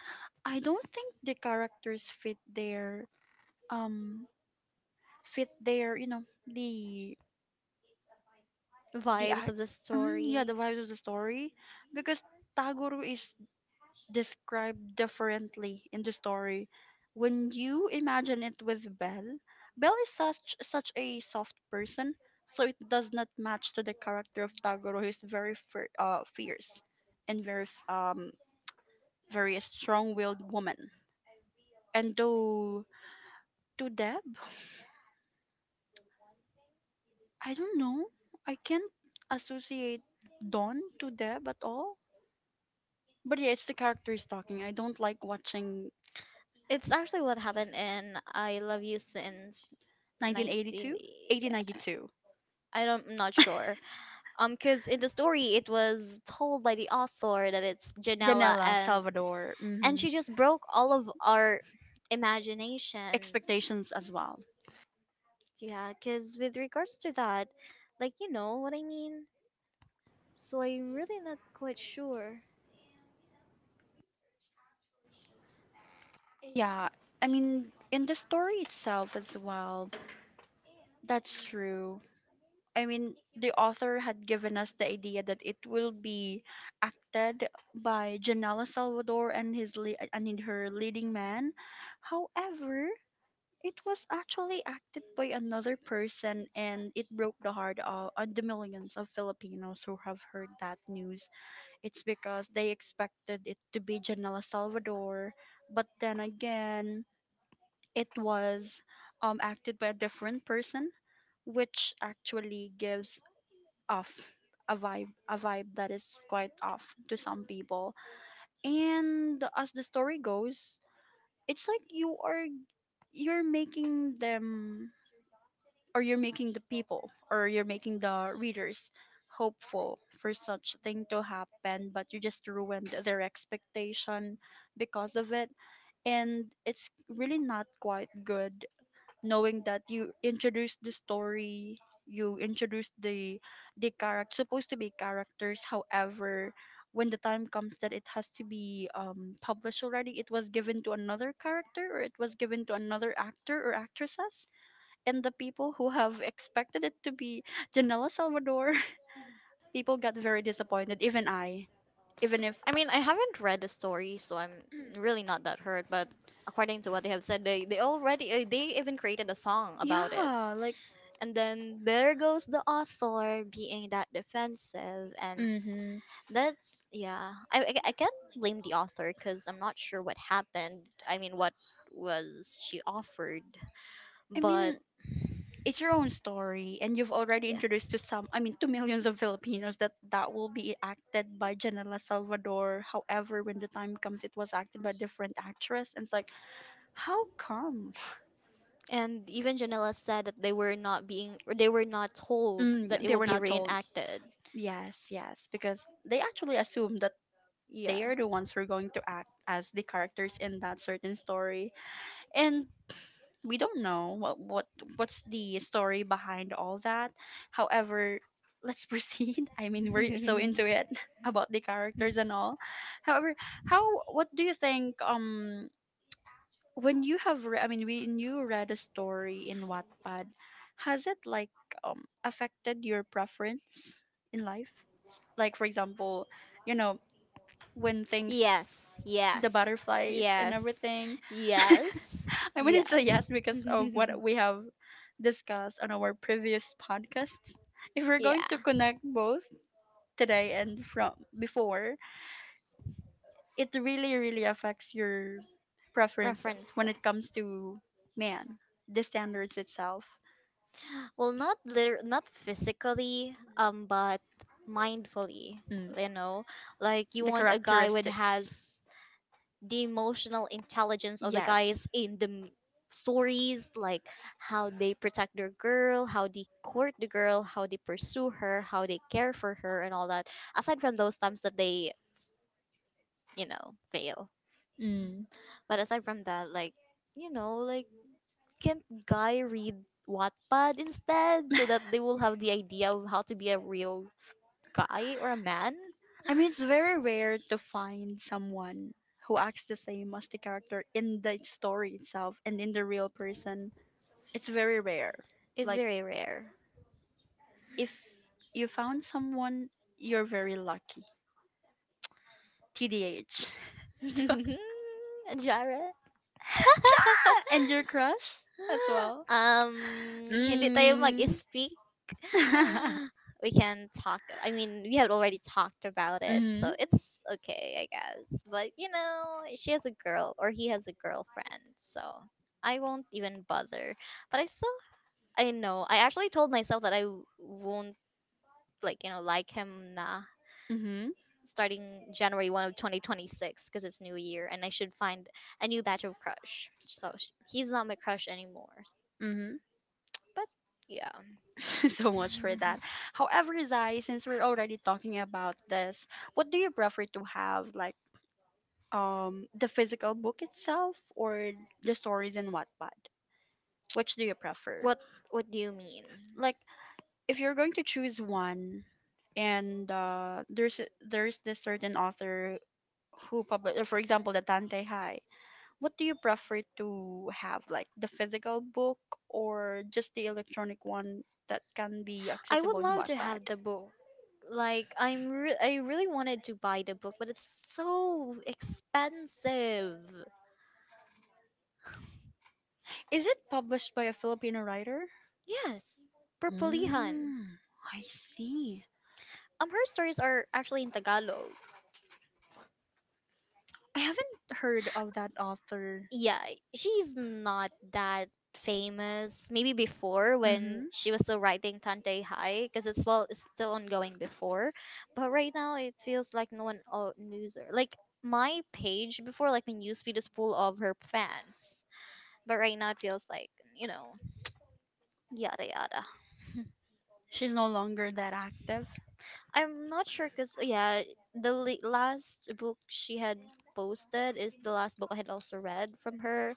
Speaker 1: I don't think the characters fit their um fit their, you know, the
Speaker 2: vibes
Speaker 1: act,
Speaker 2: of the
Speaker 1: mm, yeah, the
Speaker 2: story.
Speaker 1: vibes of the story, because Tagoro is described differently in the story. When you imagine it with Belle, Belle is such a soft person, so it does not match to the character of Tagoro, who's very fierce and very very strong-willed woman. And though to Deb, I don't know, I can't associate Dawn to Deb at all. But yeah, it's the characters talking. I don't like watching
Speaker 2: It's actually what happened in I Love You Since 19.
Speaker 1: 1982,
Speaker 2: Yeah,
Speaker 1: 1892.
Speaker 2: I don't, I'm not sure. Because in the story, it was told by the author that it's Janela,
Speaker 1: Janela
Speaker 2: and
Speaker 1: Salvador.
Speaker 2: and
Speaker 1: Hmm.
Speaker 2: she just broke all of our imaginations.
Speaker 1: Expectations as well.
Speaker 2: Yeah, because with regards to that, like, you know what I mean. So I'm really not quite sure.
Speaker 1: Yeah, I mean, in the story itself as well, that's true. I mean, the author had given us the idea that it will be acted by Janela Salvador and and her leading man. However, it was actually acted by another person and it broke the heart of on the millions of Filipinos who have heard that news. It's because they expected it to be Janela Salvador, but then again, it was acted by a different person, which actually gives off a vibe that is quite off to some people. And as the story goes, it's like you're making them, or you're making the people, or you're making the readers hopeful for such thing to happen, but you just ruined their expectation because of it. And it's really not quite good, knowing that you introduced the story, you introduced the character supposed to be characters. However, when the time comes that it has to be published already, it was given to another character, or it was given to another actor or actresses. And the people who have expected it to be Janela Salvador, people got very disappointed. Even I, even if
Speaker 2: I mean, I haven't read the story, so I'm really not that hurt. But according to what they have said, they even created a song about it.
Speaker 1: yeah, like,
Speaker 2: And then there goes the author being that defensive, and
Speaker 1: mm-hmm.
Speaker 2: that's yeah. I can't blame the author because I'm not sure what happened. I mean, what was she offered?
Speaker 1: I
Speaker 2: But
Speaker 1: mean, it's your own story, and you've already
Speaker 2: yeah.
Speaker 1: introduced to some, I mean, to millions of Filipinos that that will be acted by Janela Salvador. However, when the time comes, it was acted by a different actress, and it's like, how come?
Speaker 2: And even Janela said that they were not being, or they were not told
Speaker 1: Mm, yeah,
Speaker 2: that it
Speaker 1: they
Speaker 2: will
Speaker 1: were
Speaker 2: be
Speaker 1: not told.
Speaker 2: reenacted.
Speaker 1: Yes, yes, because they actually assumed that
Speaker 2: Yeah.
Speaker 1: they are the ones who are going to act as the characters in that certain story, and we don't know what's the story behind all that. However, let's proceed. I mean, we're so into it about the characters and all. However, how what do you think? When you have I mean when you read a story in Wattpad, has it like affected your preference in life? Like for example, you know, when things,
Speaker 2: Yes,
Speaker 1: the
Speaker 2: yes,
Speaker 1: butterflies and
Speaker 2: yes,
Speaker 1: everything.
Speaker 2: yes,
Speaker 1: I mean it's a
Speaker 2: yes.
Speaker 1: yes because of what we have discussed on our previous podcasts. If we're going
Speaker 2: Yeah.
Speaker 1: to connect both today and from before, it really really affects your preferences
Speaker 2: Preferences.
Speaker 1: when it comes to man, the standards itself.
Speaker 2: Well, not liter- not physically, but mindfully.
Speaker 1: Mm,
Speaker 2: You know, like you
Speaker 1: the
Speaker 2: want a guy with
Speaker 1: characteristics.
Speaker 2: has the emotional intelligence of the guys
Speaker 1: Yes.
Speaker 2: in the m- stories, like how they protect their girl, how they court the girl, how they pursue her, how they care for her, and all that, aside from those times that they, fail.
Speaker 1: Mm.
Speaker 2: But aside from that, like, you know like can't guy read Wattpad instead, so that they will have the idea of how to be a real guy or a man?
Speaker 1: I mean, it's very rare to find someone who acts the same as the character in the story itself and in the real person. It's very rare.
Speaker 2: It's
Speaker 1: Like,
Speaker 2: very rare.
Speaker 1: if you found someone, you're very lucky. TDH.
Speaker 2: Jara.
Speaker 1: and your crush as well.
Speaker 2: Hindi tayo
Speaker 1: Mm.
Speaker 2: mag-speak. We can talk. I mean, we
Speaker 1: Mm-hmm.
Speaker 2: had already talked about it, so it's okay, I guess. But you know, she has a girl, or he has a girlfriend, so I won't even bother. But I still, I know. I actually told myself that I w- won't, like him nah,
Speaker 1: Mm-hmm,
Speaker 2: starting January one of 2026, because it's New Year and I should find a new batch of crush. So sh- he's not my crush anymore.
Speaker 1: mm-hmm.
Speaker 2: But yeah.
Speaker 1: So much for that. However, Zai, since we're already talking about this, what do you prefer to have, like the physical book itself, or the stories in Wattpad? Which do you prefer?
Speaker 2: what what do you mean?
Speaker 1: Like, if you're going to choose one, and there's this certain author who published, for example, the Tante Hai. What do you prefer to have, like the physical book or just the electronic one that can be
Speaker 2: I would
Speaker 1: accessible in
Speaker 2: love to
Speaker 1: Wattpad?
Speaker 2: have the book. Like, I'm re- I really wanted to buy the book, but it's so expensive.
Speaker 1: Is it published by a Filipino writer?
Speaker 2: Yes, Purpulihan.
Speaker 1: Mm, I see.
Speaker 2: Her stories are actually in Tagalog.
Speaker 1: I haven't heard of that author.
Speaker 2: Yeah, she's not that famous. Maybe before, when
Speaker 1: Mm-hmm.
Speaker 2: she was still writing Tante High, because it's, well, it's still ongoing before. But right now, it feels like no one knows her. Like, my page before, like my newsfeed is full of her fans. But right now, it feels like, you know, yada yada.
Speaker 1: She's no longer that active.
Speaker 2: I'm not sure, cause yeah, the la- last book she had posted is the last book I had also read from her,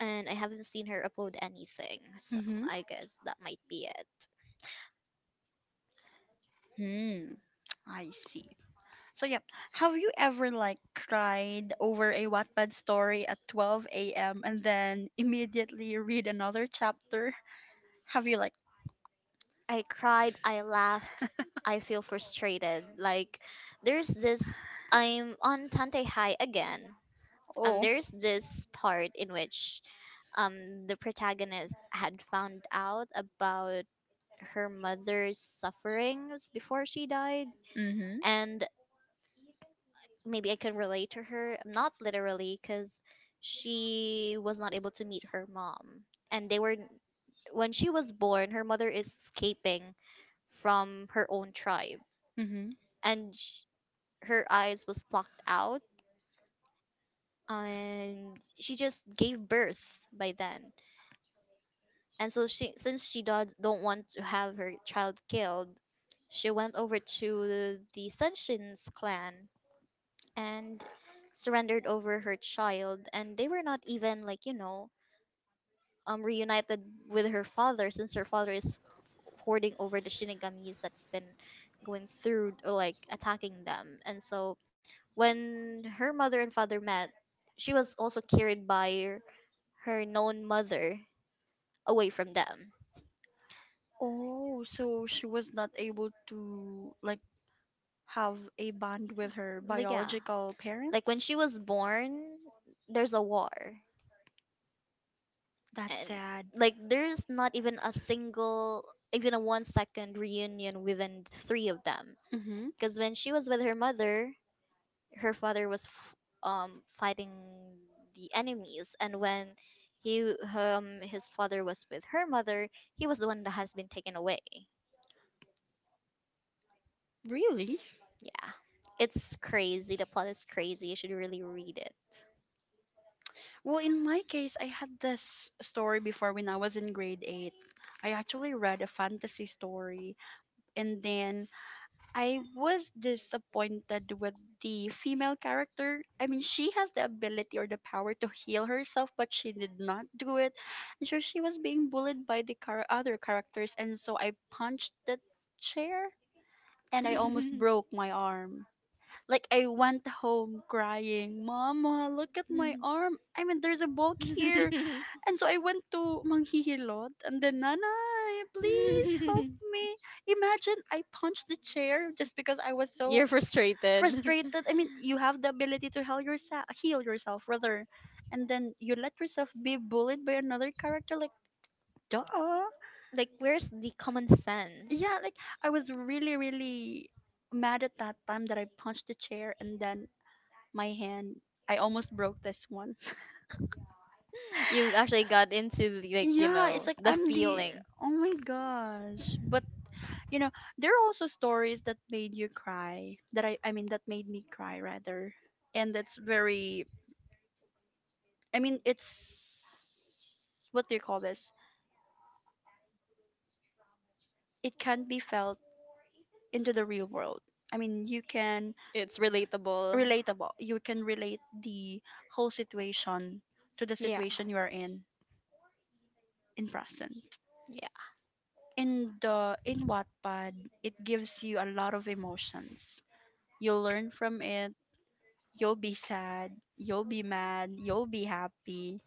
Speaker 2: and I haven't seen her upload anything. So
Speaker 1: Mm-hmm.
Speaker 2: I guess that might be it.
Speaker 1: Hmm. I see. So yeah, have you ever like cried over a Wattpad story at 12 a.m. and then immediately read another chapter? Have you like?
Speaker 2: I cried, I laughed, I feel frustrated. Like, there's this, I'm on Tante High again.
Speaker 1: Oh,
Speaker 2: There's this part in which the protagonist had found out about her mother's sufferings before she died,
Speaker 1: mm-hmm,
Speaker 2: and maybe I can relate to her, not literally, cuz she was not able to meet her mom, and they were, when she was born, her mother is escaping from her own tribe,
Speaker 1: mm-hmm.
Speaker 2: and sh- her eyes was plucked out, and she just gave birth by then. And so she, since she do- don't want to have her child killed, she went over to the Sunshin's clan and surrendered over her child, and they were not even, like, you know, reunited with her father, since her father is hoarding over the shinigamis that's been going through or like attacking them. And so when her mother and father met, she was also carried by her known mother away from them.
Speaker 1: Oh, so she was not able to like have a bond with her
Speaker 2: Like yeah,
Speaker 1: biological
Speaker 2: like when
Speaker 1: parents?
Speaker 2: she was born there's a war,
Speaker 1: That's
Speaker 2: and
Speaker 1: sad.
Speaker 2: like there's not even a single, even a 1 second reunion within the three of them,
Speaker 1: Mm-hmm.
Speaker 2: because when she was with her mother, her father was f- fighting the enemies, and when he his father was with her mother, he was the one that has been taken away.
Speaker 1: Really?
Speaker 2: Yeah, it's crazy, the plot is crazy, you should really read it.
Speaker 1: Well, in my case, I had this story before when I was in grade 8. I actually read a fantasy story and then I was disappointed with the female character. I mean, she has the ability or the power to heal herself, but she did not do it. And so she was being bullied by the other characters, and so I punched the chair and I almost broke my arm. Like I went home crying, Mama, look at my arm. I mean, there's a bulk here. And so I went to Manghihilot and then, Nanay, please help me. Imagine I punched the chair just because I was so
Speaker 2: You're frustrated.
Speaker 1: frustrated. I mean, you have the ability to heal yourself rather. And then you let yourself be bullied by another character, like, duh.
Speaker 2: Like, where's the common sense?
Speaker 1: Yeah, like I was really mad at that time that I punched the chair and then my hand, I almost broke this one.
Speaker 2: You actually got into the, like, you
Speaker 1: Yeah, it's
Speaker 2: know,
Speaker 1: like
Speaker 2: the
Speaker 1: I'm the,
Speaker 2: feeling.
Speaker 1: oh my gosh. But, you know, there are also stories that made you cry, that I mean, that made me cry rather. And it's very, I mean, it's what do you call this? It can be felt into the real world. I mean, you can
Speaker 2: It's relatable.
Speaker 1: relatable. You can relate the whole situation to the
Speaker 2: Yeah.
Speaker 1: situation you are in present.
Speaker 2: Yeah.
Speaker 1: In Wattpad, it gives you a lot of emotions. You'll learn from it. You'll be sad. You'll be mad. You'll be happy.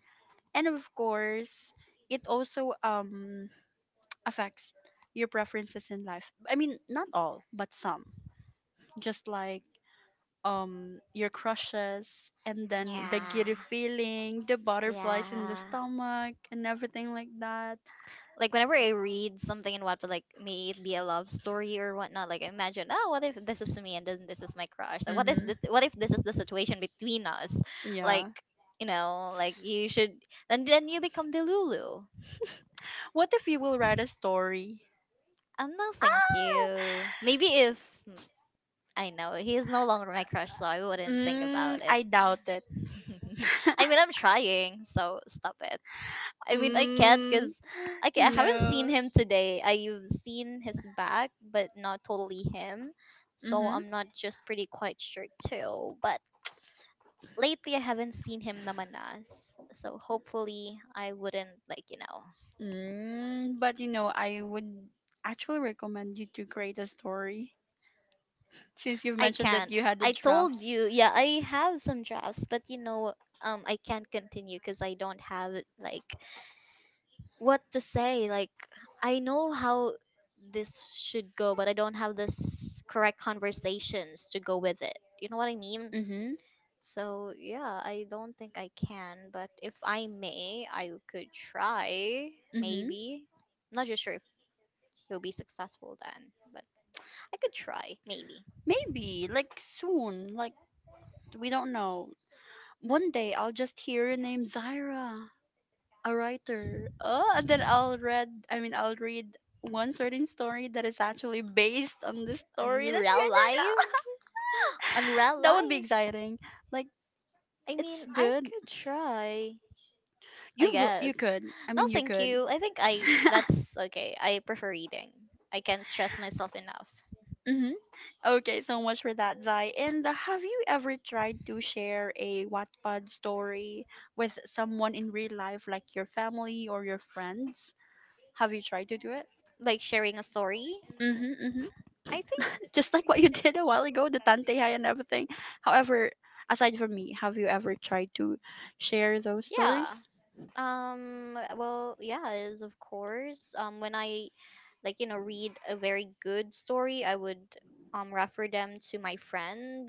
Speaker 1: And of course, it also affects your preferences in life. I mean, not all, but some. Just like your crushes and then the
Speaker 2: Yeah.
Speaker 1: giddy feeling, the butterflies in the
Speaker 2: Yeah.
Speaker 1: stomach and everything like that.
Speaker 2: Like whenever I read something in Wattpad, like may it be a love story or whatnot, like I imagine, oh, what if this is me and then this is my crush? Like, what is
Speaker 1: Mhm.
Speaker 2: this, what if this is the situation between us? Like,
Speaker 1: Yeah.
Speaker 2: you know, like you should, and then you become Delulu.
Speaker 1: What if you will write a story?
Speaker 2: Oh no,
Speaker 1: Ah!
Speaker 2: thank you. Maybe if I know he is no longer my crush, so I wouldn't think
Speaker 1: Mm,
Speaker 2: about it.
Speaker 1: I doubt it.
Speaker 2: I mean, I'm trying, so stop it. I mean, I can't
Speaker 1: Mm,
Speaker 2: because I, ca- I haven't
Speaker 1: no.
Speaker 2: seen him today. I've seen his back, but not totally him. So I'm not just pretty quite sure too. But lately, I haven't seen him namanas. So hopefully, I wouldn't, like, you know.
Speaker 1: Mm, but you know, I would actually recommend you to create a story since you've
Speaker 2: I
Speaker 1: mentioned that
Speaker 2: can't.
Speaker 1: you had the
Speaker 2: I told
Speaker 1: drafts.
Speaker 2: you, yeah, I have some drafts, but you know, I can't continue because I don't have, like, what to say. Like, I know how this should go, but I don't have this correct conversations to go with it. You know what I mean?
Speaker 1: Mm-hmm.
Speaker 2: So yeah, I don't think I can, but if I may, I could try.
Speaker 1: Mm-hmm.
Speaker 2: Maybe. I'm not just sure if it'll be successful then, but I could try. Maybe.
Speaker 1: Maybe, like soon, like we don't know. One day I'll just hear your name, Zaira, a writer. Oh, and then I'll read, I mean, I'll read one certain story that is actually based on the
Speaker 2: In the
Speaker 1: story that you
Speaker 2: real
Speaker 1: and your
Speaker 2: life?
Speaker 1: girl.
Speaker 2: On real
Speaker 1: That would be
Speaker 2: life?
Speaker 1: exciting. Like,
Speaker 2: I
Speaker 1: it's
Speaker 2: mean, I
Speaker 1: good.
Speaker 2: could try. I
Speaker 1: You will, you
Speaker 2: guess.
Speaker 1: could. I
Speaker 2: No,
Speaker 1: mean, you
Speaker 2: thank
Speaker 1: could.
Speaker 2: you. I think I that's okay. I prefer reading. I can't stress myself enough.
Speaker 1: Mhm. Okay, so much for that, Zai. And have you ever tried to share a Wattpad story with someone in real life, like your family or your friends? Have you tried to do it?
Speaker 2: Like sharing a story.
Speaker 1: Mm-hmm, mm-hmm.
Speaker 2: I think
Speaker 1: Just like what you did a while ago, the Tante and everything. However, aside from me, have you ever tried to share those
Speaker 2: yeah.
Speaker 1: stories?
Speaker 2: Well, yeah, is of course. When I, like, you know, read a very good story, I would refer them to my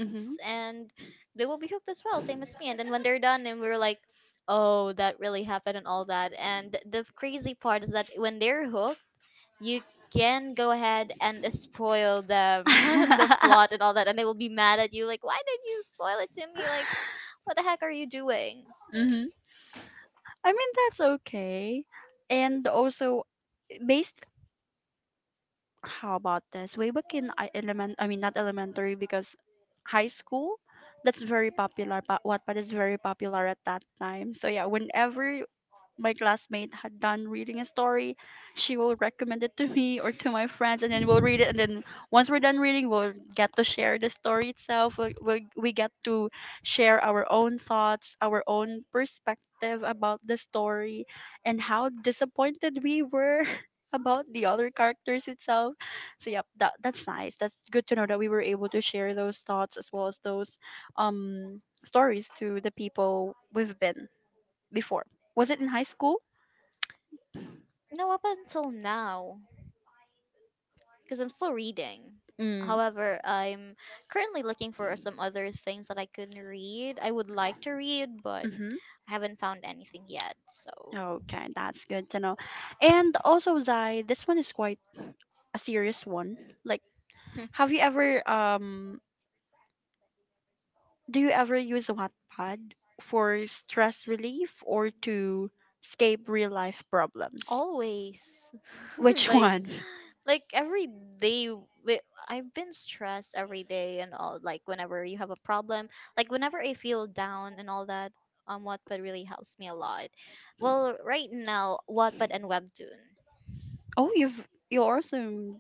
Speaker 1: Mm-hmm.
Speaker 2: and they will be hooked as well, same as me, and then when they're done and we're like, oh that really happened and all that. And the crazy part is that when they're hooked, you can go ahead and spoil them the plot and all that, and they will be mad at you, like why did you spoil it to me, like what the heck are you doing?
Speaker 1: I mean, that's okay. And also, based, how about this? Way back in I element, I mean, not elementary, because high school, that's very popular. But Wattpad is very popular at that time. So yeah, whenever my classmate had done reading a story, she will recommend it to me or to my friends, and then we'll read it. And then once we're done reading, we'll get to share the story itself. We we'll, we get to share our own thoughts, our own perspective about the story, and how disappointed we were about the other characters itself. So yep, that's nice. That's good to know that we were able to share those thoughts as well as those stories to the people we've been before. Was it in high school?
Speaker 2: No, up until now, because I'm still reading.
Speaker 1: Mm.
Speaker 2: However, I'm currently looking for some other things that I could read. I would like to read, but
Speaker 1: Mm-hmm.
Speaker 2: I haven't found anything yet. So,
Speaker 1: Okay, that's good to know. And also, Zai, this one is quite a serious one. Like, have you ever do you ever use Wattpad for stress relief or to escape real life problems?
Speaker 2: always.
Speaker 1: Which
Speaker 2: Like.
Speaker 1: one?
Speaker 2: Like, every day wi- I've been stressed every day and all, like whenever you have a problem, like whenever I feel down and all that, Wattpad really helps me a lot. Well, right now Wattpad and Webtoon.
Speaker 1: Oh, you've you also in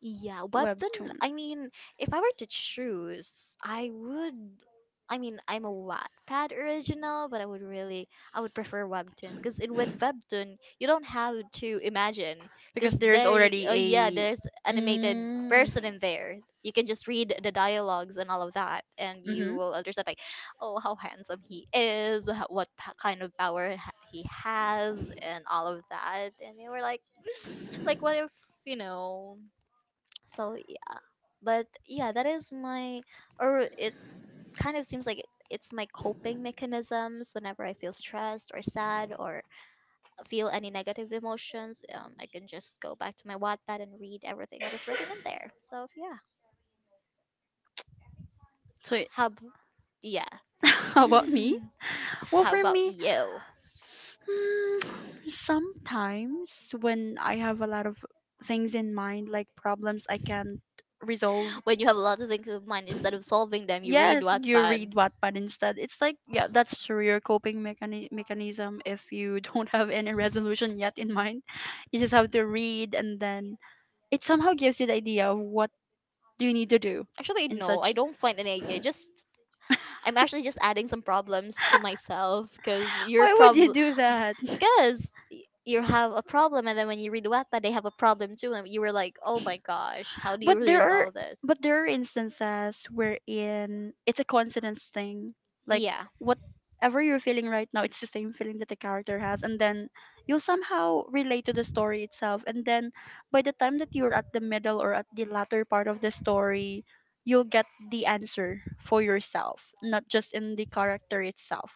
Speaker 2: Yeah, Webtoon,
Speaker 1: webtoon
Speaker 2: I mean, if I were to choose I would, I mean, I'm a Wattpad original, but I would really, I would prefer Webtoon, because in with Webtoon you don't have to imagine, because
Speaker 1: because there is
Speaker 2: there you,
Speaker 1: already
Speaker 2: oh yeah, there's
Speaker 1: a.
Speaker 2: animated
Speaker 1: Mm,
Speaker 2: person in there. You can just read the dialogues and all of that, and you
Speaker 1: mm-hmm.
Speaker 2: will understand like, oh, how handsome he is, h- what p- kind of power ha- he has, and all of that. And you were like, like what if you know? So yeah, but yeah, that is my, or it kind of seems like it's my coping mechanisms whenever I feel stressed or sad or feel any negative emotions. I can just go back to my Wattpad and read everything that is written in there. So yeah,
Speaker 1: So it-
Speaker 2: how ab- yeah.
Speaker 1: how about me? Well,
Speaker 2: How
Speaker 1: for
Speaker 2: about
Speaker 1: me,
Speaker 2: you?
Speaker 1: hmm, sometimes when I have a lot of things in mind, like problems I can't resolve,
Speaker 2: When you have a lot of things in mind, instead of solving them, you read
Speaker 1: yes you
Speaker 2: Wattpad.
Speaker 1: read Wattpad instead, it's like yeah that's true your mechanism if you don't have any resolution yet in mind, you just have to read and then it somehow gives you the idea of what you need to do
Speaker 2: Actually,
Speaker 1: in
Speaker 2: no, I
Speaker 1: such.
Speaker 2: don't find any. Idea. I just, I'm actually just adding some problems to myself, because you're
Speaker 1: Why would
Speaker 2: prob,
Speaker 1: you do that?
Speaker 2: because you have a problem and then when you read Wattpad they have a problem too and you were like, "Oh my gosh, how do you
Speaker 1: But there are,
Speaker 2: resolve
Speaker 1: but
Speaker 2: this?"
Speaker 1: there are instances wherein it's a coincidence thing. Like
Speaker 2: Yeah.
Speaker 1: whatever you're feeling right now, it's the same feeling that the character has, and then you'll somehow relate to the story itself. And then by the time that you're at the middle or at the latter part of the story, you'll get the answer for yourself, not just in the character itself,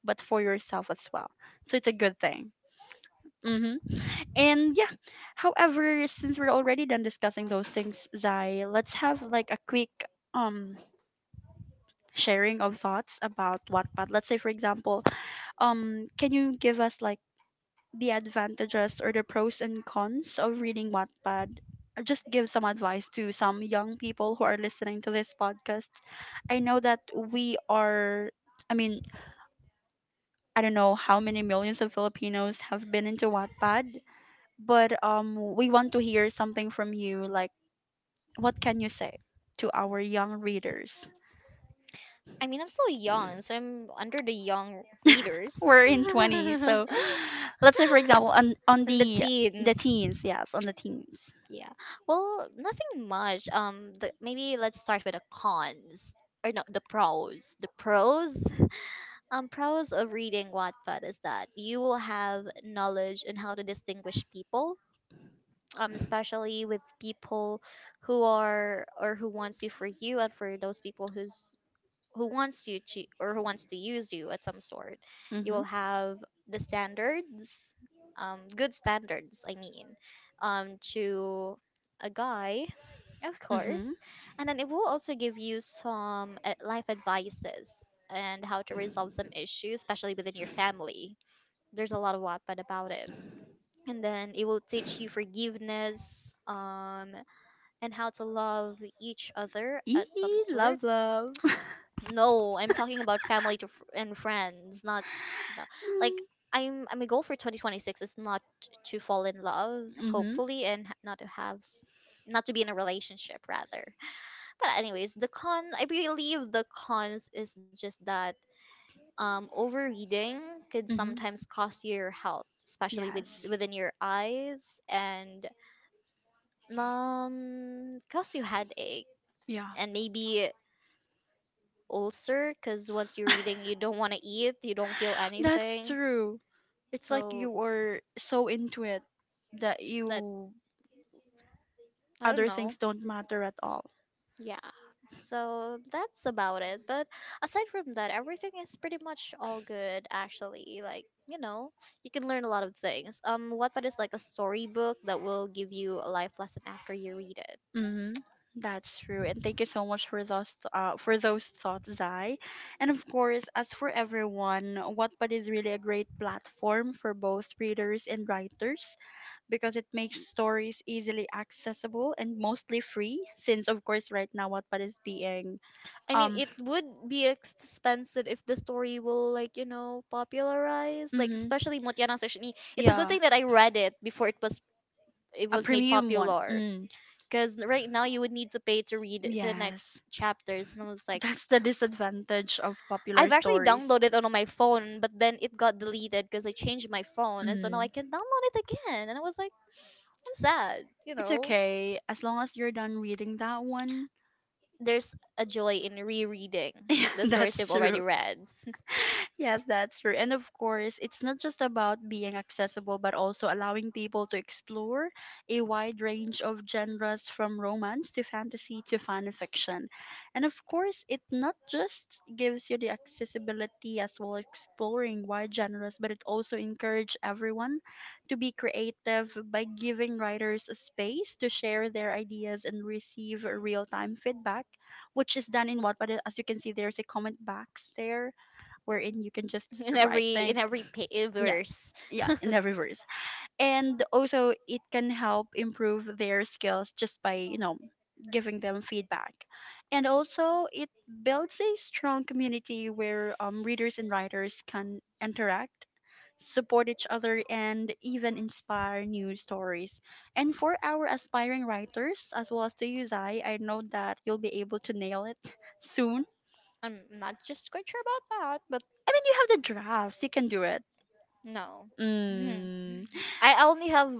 Speaker 1: but for yourself as well. So it's a good thing. Mm-hmm. And yeah, however, since we're already done discussing those things, Zai, let's have like a quick um sharing of thoughts about Wattpad. Let's say, for example, can you give us like the advantages or the pros and cons of reading Wattpad? Or just give some advice to some young people who are listening to this podcast. I know that we are, I mean, I don't know how many millions of Filipinos have been into Wattpad, but we want to hear something from you. Like, what can you say to our young readers?
Speaker 2: I mean, I'm still young, so I'm under the young readers.
Speaker 1: We're in 20, so let's say, for example, on
Speaker 2: And the
Speaker 1: the
Speaker 2: teens.
Speaker 1: teens, yes, on the teens.
Speaker 2: Yeah. Well, nothing much. The, maybe let's start with the cons, or no, the pros. The pros. Pros of reading Wattpad is that you will have knowledge in how to distinguish people, especially with people who are or who wants you for you, and for those people who's who wants you to or who wants to use you at some sort. You
Speaker 1: Mm-hmm.
Speaker 2: will have the standards, good standards, I mean, to a guy, of
Speaker 1: Mm-hmm.
Speaker 2: course. And then it will also give you some life advices and how to resolve some issues, especially within your family. There's a lot of Wattpad about it. And then it will teach you forgiveness, and how to love each other at some
Speaker 1: Eee,
Speaker 2: sort.
Speaker 1: love, love.
Speaker 2: No, I'm talking about family to fr- and friends, not no- like I'm. I'm a goal for 2026 is not to fall in love,
Speaker 1: Mm-hmm.
Speaker 2: hopefully, and ha- not to have, s- not to be in a relationship rather. But anyways, the con. I believe the cons is just that overeating could
Speaker 1: Hmm.
Speaker 2: sometimes cost your health, especially with, within your eyes, and cause you headache and maybe ulcer. Cause once you're eating, you don't want to eat, you don't feel anything.
Speaker 1: True. It's
Speaker 2: So that I don't know. Yeah, so that's about it. But aside from that, everything is pretty much all good actually. Like, you know, you can learn a lot of things. Wattpad is like a storybook that will give you a life lesson after you read it.
Speaker 1: Mm-hmm. That's true, and thank you so much for those thoughts, Zai. And of course, as for everyone, Wattpad is really a great platform for both readers and writers because it makes stories easily accessible and mostly free. Since of course, right now Wattpad is being
Speaker 2: I mean,
Speaker 1: um
Speaker 2: it would be expensive if the story will, like, you know, popularize. Like,
Speaker 1: mm-hmm,
Speaker 2: especially Mutiara Sashini. It's a good
Speaker 1: yeah.
Speaker 2: thing that I read it before it
Speaker 1: A
Speaker 2: was made
Speaker 1: premium one.
Speaker 2: popular.
Speaker 1: Mm.
Speaker 2: Because right now you would need to pay to read the next
Speaker 1: Yes.
Speaker 2: chapters, and I was like,
Speaker 1: That's the disadvantage of popular
Speaker 2: I've actually
Speaker 1: stories.
Speaker 2: downloaded it on my phone, but then it got deleted because I changed my phone, and so now
Speaker 1: Mm.
Speaker 2: I can download it again. And I was like, I'm sad,
Speaker 1: It's okay. As long as you're done reading that one.
Speaker 2: There's a joy in rereading
Speaker 1: Yeah,
Speaker 2: the stories
Speaker 1: that's
Speaker 2: you've
Speaker 1: true.
Speaker 2: already read
Speaker 1: Yes, that's true. And of course, it's not just about being accessible, but also allowing people to explore a wide range of genres from romance to fantasy to fan fiction. And of course, it not just gives you the accessibility as well as exploring wide genres, but it also encourages everyone to be creative by giving writers a space to share their ideas and receive real time feedback, which is done in Wattpad. As you can see, there's a comment box there wherein you can just
Speaker 2: in
Speaker 1: write
Speaker 2: every in
Speaker 1: things.
Speaker 2: every pa- eh,
Speaker 1: Yeah,
Speaker 2: verse.
Speaker 1: yeah, in the reverse. And also, it can help improve their skills just by, giving them feedback. And also, it builds a strong community where readers and writers can interact, support each other and even inspire new stories. And for our aspiring writers, as well as to you, Zai, I know that you'll be able to nail it soon.
Speaker 2: I'm not just quite sure about that, but
Speaker 1: I mean, you have the drafts. You can do it.
Speaker 2: no, Hmm.
Speaker 1: Mm.
Speaker 2: I only have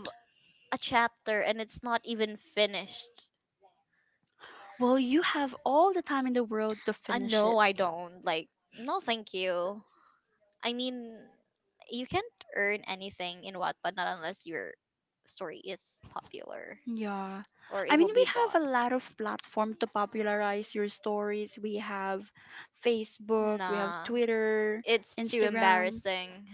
Speaker 2: a chapter, and it's not even finished.
Speaker 1: Well, you have all the time in the world to
Speaker 2: I
Speaker 1: finish it.
Speaker 2: know I don't like. No, thank you. I mean, you can't earn anything in Wattpad not unless your story is popular
Speaker 1: Yeah.
Speaker 2: or
Speaker 1: I
Speaker 2: it
Speaker 1: mean,
Speaker 2: will be
Speaker 1: we
Speaker 2: bought.
Speaker 1: have a lot of platform to popularize your stories. We have Facebook, we have
Speaker 2: Nah,
Speaker 1: Twitter,
Speaker 2: it's too
Speaker 1: Instagram.
Speaker 2: embarrassing.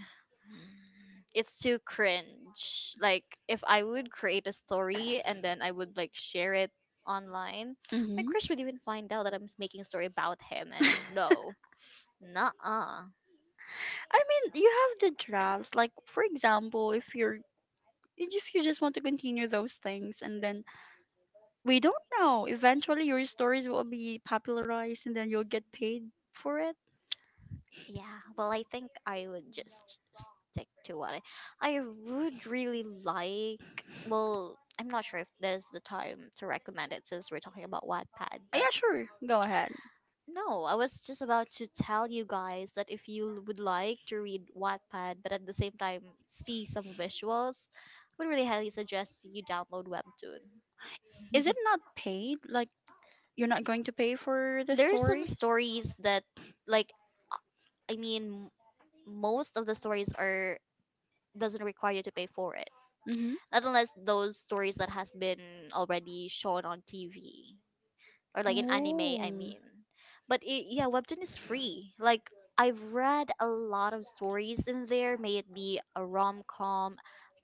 Speaker 2: It's too cringe. Like if I would create a story and then I would like share it online, my
Speaker 1: Mm-hmm.
Speaker 2: crush would even find out that I'm making a story about him
Speaker 1: I
Speaker 2: and no. Nah.
Speaker 1: mean, you have the drafts. Like, for example, if you're, if you just want to continue those things and then we don't know eventually your stories will be popularized and then you'll get paid for it.
Speaker 2: Yeah, well, I think I would just stick to what I would really like. Well, I'm not sure if there's the time to recommend it since we're talking about Wattpad,
Speaker 1: Uh,
Speaker 2: but
Speaker 1: yeah sure, go ahead.
Speaker 2: no, I was just about to tell you guys that if you would like to read Wattpad, but at the same time see some visuals, I would really highly suggest you download Webtoon.
Speaker 1: Is it not paid like, you're not going to pay for the
Speaker 2: There are some
Speaker 1: story?
Speaker 2: stories that, like, I mean, most of the stories are doesn't require you to pay for it.
Speaker 1: Mm-hmm.
Speaker 2: Not unless those stories that has been already shown on TV or like in anime, I
Speaker 1: Oh.
Speaker 2: mean. But it, yeah, webtoon is free. Like I've read a lot of stories in there, may it be a rom-com,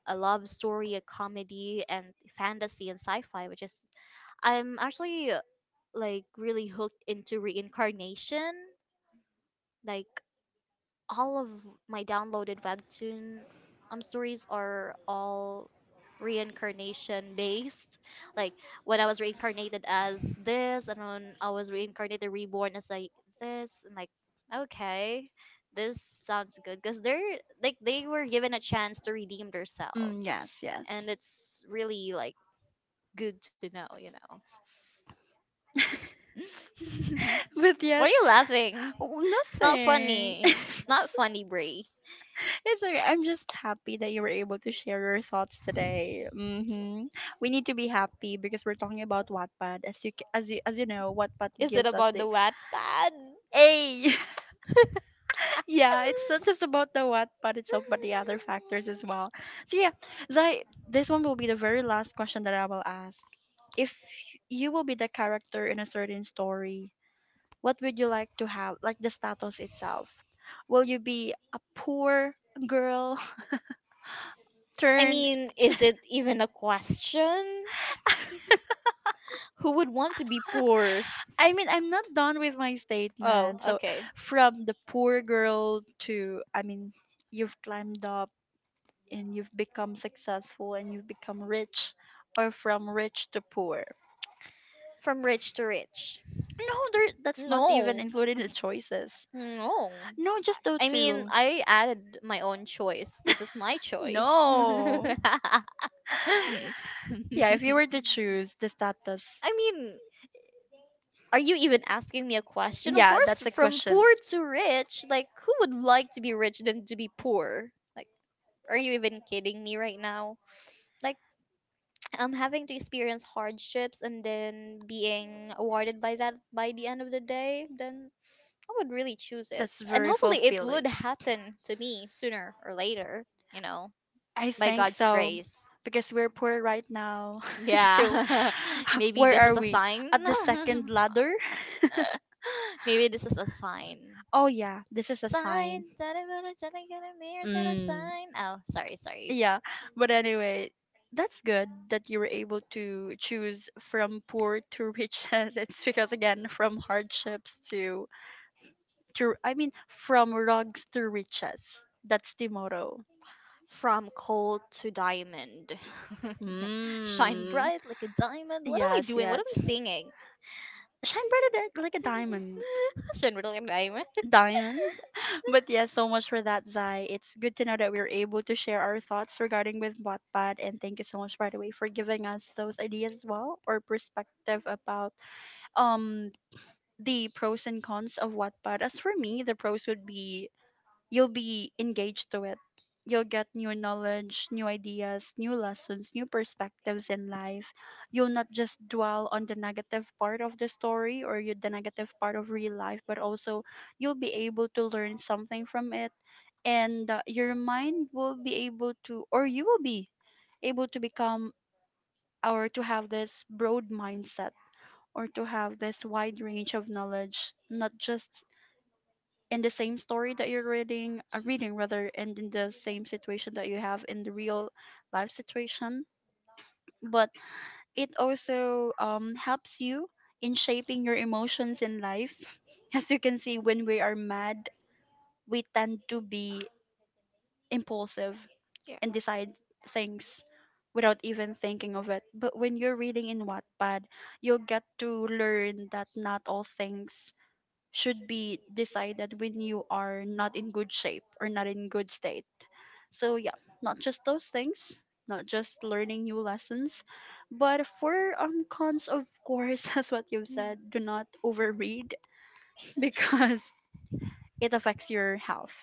Speaker 2: a love story, a comedy, and fantasy and sci-fi, which is I'm actually like really hooked into reincarnation. Like all of my downloaded webtoon stories are all reincarnation based, like when I was reincarnated as this and when I was reincarnated reborn as like this, and like okay, this sounds good because they're like they were given a chance to redeem themselves,
Speaker 1: Mm, yes, yes.
Speaker 2: and it's really like good to know,
Speaker 1: But yes,
Speaker 2: why are you laughing?
Speaker 1: w-
Speaker 2: It's not
Speaker 1: nothing.
Speaker 2: funny, it's not
Speaker 1: it's
Speaker 2: funny, Brie.
Speaker 1: it's okay. I'm just happy that you were able to share your thoughts today. Hmm. We need to be happy because we're talking about Wattpad. As you ca- as you know, Wattpad
Speaker 2: Is it
Speaker 1: gives us
Speaker 2: about the
Speaker 1: the
Speaker 2: Wattpad?
Speaker 1: a. Yeah, it's not just about the Wattpad itself, but the other factors as well. So yeah, Zai, this one will be the very last question that I will ask. If you will be the character in a certain story, what would you like to have, like the status itself? Will you be a poor girl
Speaker 2: I
Speaker 1: turn?
Speaker 2: mean, is it even a question? Who would want to be poor?
Speaker 1: I mean, I'm not done with my
Speaker 2: Oh,
Speaker 1: statement. So,
Speaker 2: okay.
Speaker 1: from the poor girl to, I mean, you've climbed up and you've become successful and you've become rich, or from rich to poor.
Speaker 2: From rich to rich.
Speaker 1: No, there, that's not even
Speaker 2: No.
Speaker 1: included in the choices.
Speaker 2: No.
Speaker 1: No, just those
Speaker 2: I mean,
Speaker 1: two.
Speaker 2: I added my own choice because it's my choice.
Speaker 1: No.
Speaker 2: I
Speaker 1: Yeah, if you were to choose the status,
Speaker 2: mean, are you even asking me a question? Of
Speaker 1: yeah,
Speaker 2: course,
Speaker 1: that's a
Speaker 2: from
Speaker 1: question.
Speaker 2: poor to rich, like who would like to be rich than to be poor? Like are you even kidding me right now? Like I'm having to experience hardships and then being awarded by that by the end of the day, then I would really choose it.
Speaker 1: That's
Speaker 2: And
Speaker 1: very
Speaker 2: hopefully it
Speaker 1: fulfilling.
Speaker 2: would happen to me sooner or later, you know,
Speaker 1: I
Speaker 2: by
Speaker 1: think
Speaker 2: God's
Speaker 1: so.
Speaker 2: grace.
Speaker 1: Because we're poor right now. So,
Speaker 2: Yeah. Maybe
Speaker 1: where
Speaker 2: this
Speaker 1: are
Speaker 2: is a
Speaker 1: we?
Speaker 2: sign.
Speaker 1: At the second ladder?
Speaker 2: Maybe this is a sign.
Speaker 1: Oh, yeah, this is a sign.
Speaker 2: Sign that I'm gonna, mirror, set a
Speaker 1: Mm.
Speaker 2: sign. Oh, sorry, sorry.
Speaker 1: Yeah, but anyway, that's good that you were able to choose from poor to riches. It's because again, from hardships to I mean, from rugs to riches. That's the motto.
Speaker 2: From coal to diamond. Shine
Speaker 1: Mm.
Speaker 2: bright like a diamond. What am I
Speaker 1: Yes,
Speaker 2: doing? What am
Speaker 1: yes.
Speaker 2: I singing?
Speaker 1: Shine brighter than- like a diamond.
Speaker 2: Shine bright like a diamond.
Speaker 1: Diamond. But yes, so much for that, Zai. It's good to know that we were able to share our thoughts regarding with Wattpad, and thank you so much, by the way, for giving us those ideas as well or perspective about um the pros and cons of Wattpad. As for me, the pros would be you'll be engaged to it. You'll get new knowledge, new ideas, new lessons, new perspectives in life. You'll not just dwell on the negative part of the story or you- the negative part of real life, but also you'll be able to learn something from it. And your mind will be able to, or you will be able to become or to have this broad mindset or to have this wide range of knowledge, not just in the same story that you're reading rather, and in the same situation that you have in the real life situation. But it also helps you in shaping your emotions in life. As you can see, when we are mad, we tend to be impulsive
Speaker 2: Yeah.
Speaker 1: and decide things without even thinking of it. But when you're reading in Wattpad, you'll get to learn that not all things should be decided when you are not in good shape or not in good state. So yeah, not just those things, not just learning new lessons, but for cons of course, as what you've
Speaker 2: Hmm.
Speaker 1: said, do not overread because it affects your health.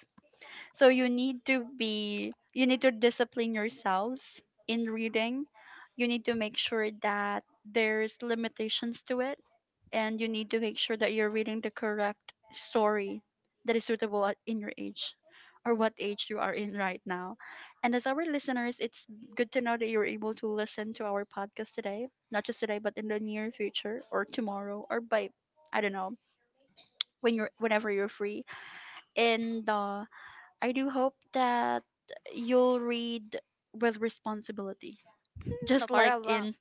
Speaker 1: So you need to be, you need to discipline yourselves in reading. You need to make sure that there's limitations to it and you need to make sure that you're reading the correct story that is suitable at- in your age or what age you are in right now. And as our listeners, it's good to know that you're able to listen to our podcast today, not just today but in the near future or tomorrow or by I don't know, when you're whenever you're free. And I do hope that you'll read with responsibility.
Speaker 2: No,
Speaker 1: Just like
Speaker 2: para ba?
Speaker 1: in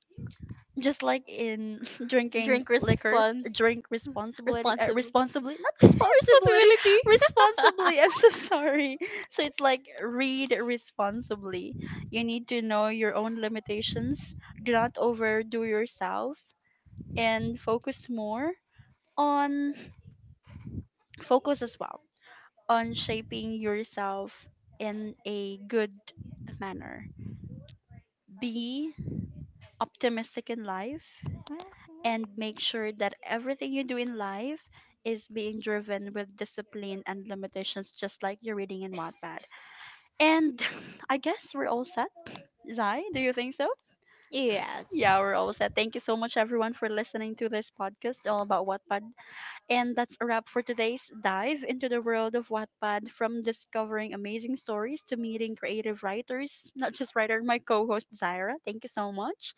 Speaker 1: just like in drinking
Speaker 2: Drink
Speaker 1: liquors,
Speaker 2: response.
Speaker 1: drink responsibility
Speaker 2: Responsible.
Speaker 1: responsibly, not responsibility,
Speaker 2: Responsibility.
Speaker 1: responsibly. I'm so sorry. So it's like read responsibly. You need to know your own limitations. Do not overdo yourself and focus more on, focus as well on shaping yourself in a good manner. Be optimistic in life and
Speaker 2: Mhm.
Speaker 1: make sure that everything you do in life is being driven with discipline and limitations, just like you're reading in Wattpad. And I guess we're all set. Zai, do you think so?
Speaker 2: Yes.
Speaker 1: Yeah, we're all set. Thank you so much, everyone, for listening to this podcast all about Wattpad. And that's a wrap for today's dive into the world of Wattpad, from discovering amazing stories to meeting creative writers, not just writer, my co host, Zaira. Thank you so much.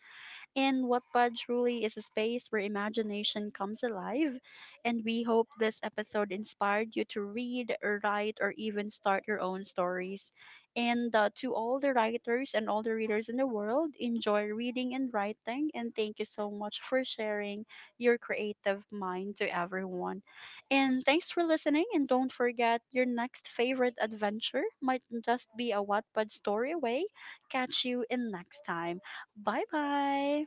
Speaker 1: In Wattpad truly is a space where imagination comes alive, and we hope this episode inspired you to read, write, or even start your own stories. And to all the writers and all the readers in the world, enjoy reading and writing, and thank you so much for sharing your creative mind to everyone. And thanks for listening, and don't forget your next favorite adventure might just be a Wattpad story away. Catch you in next time. Bye bye.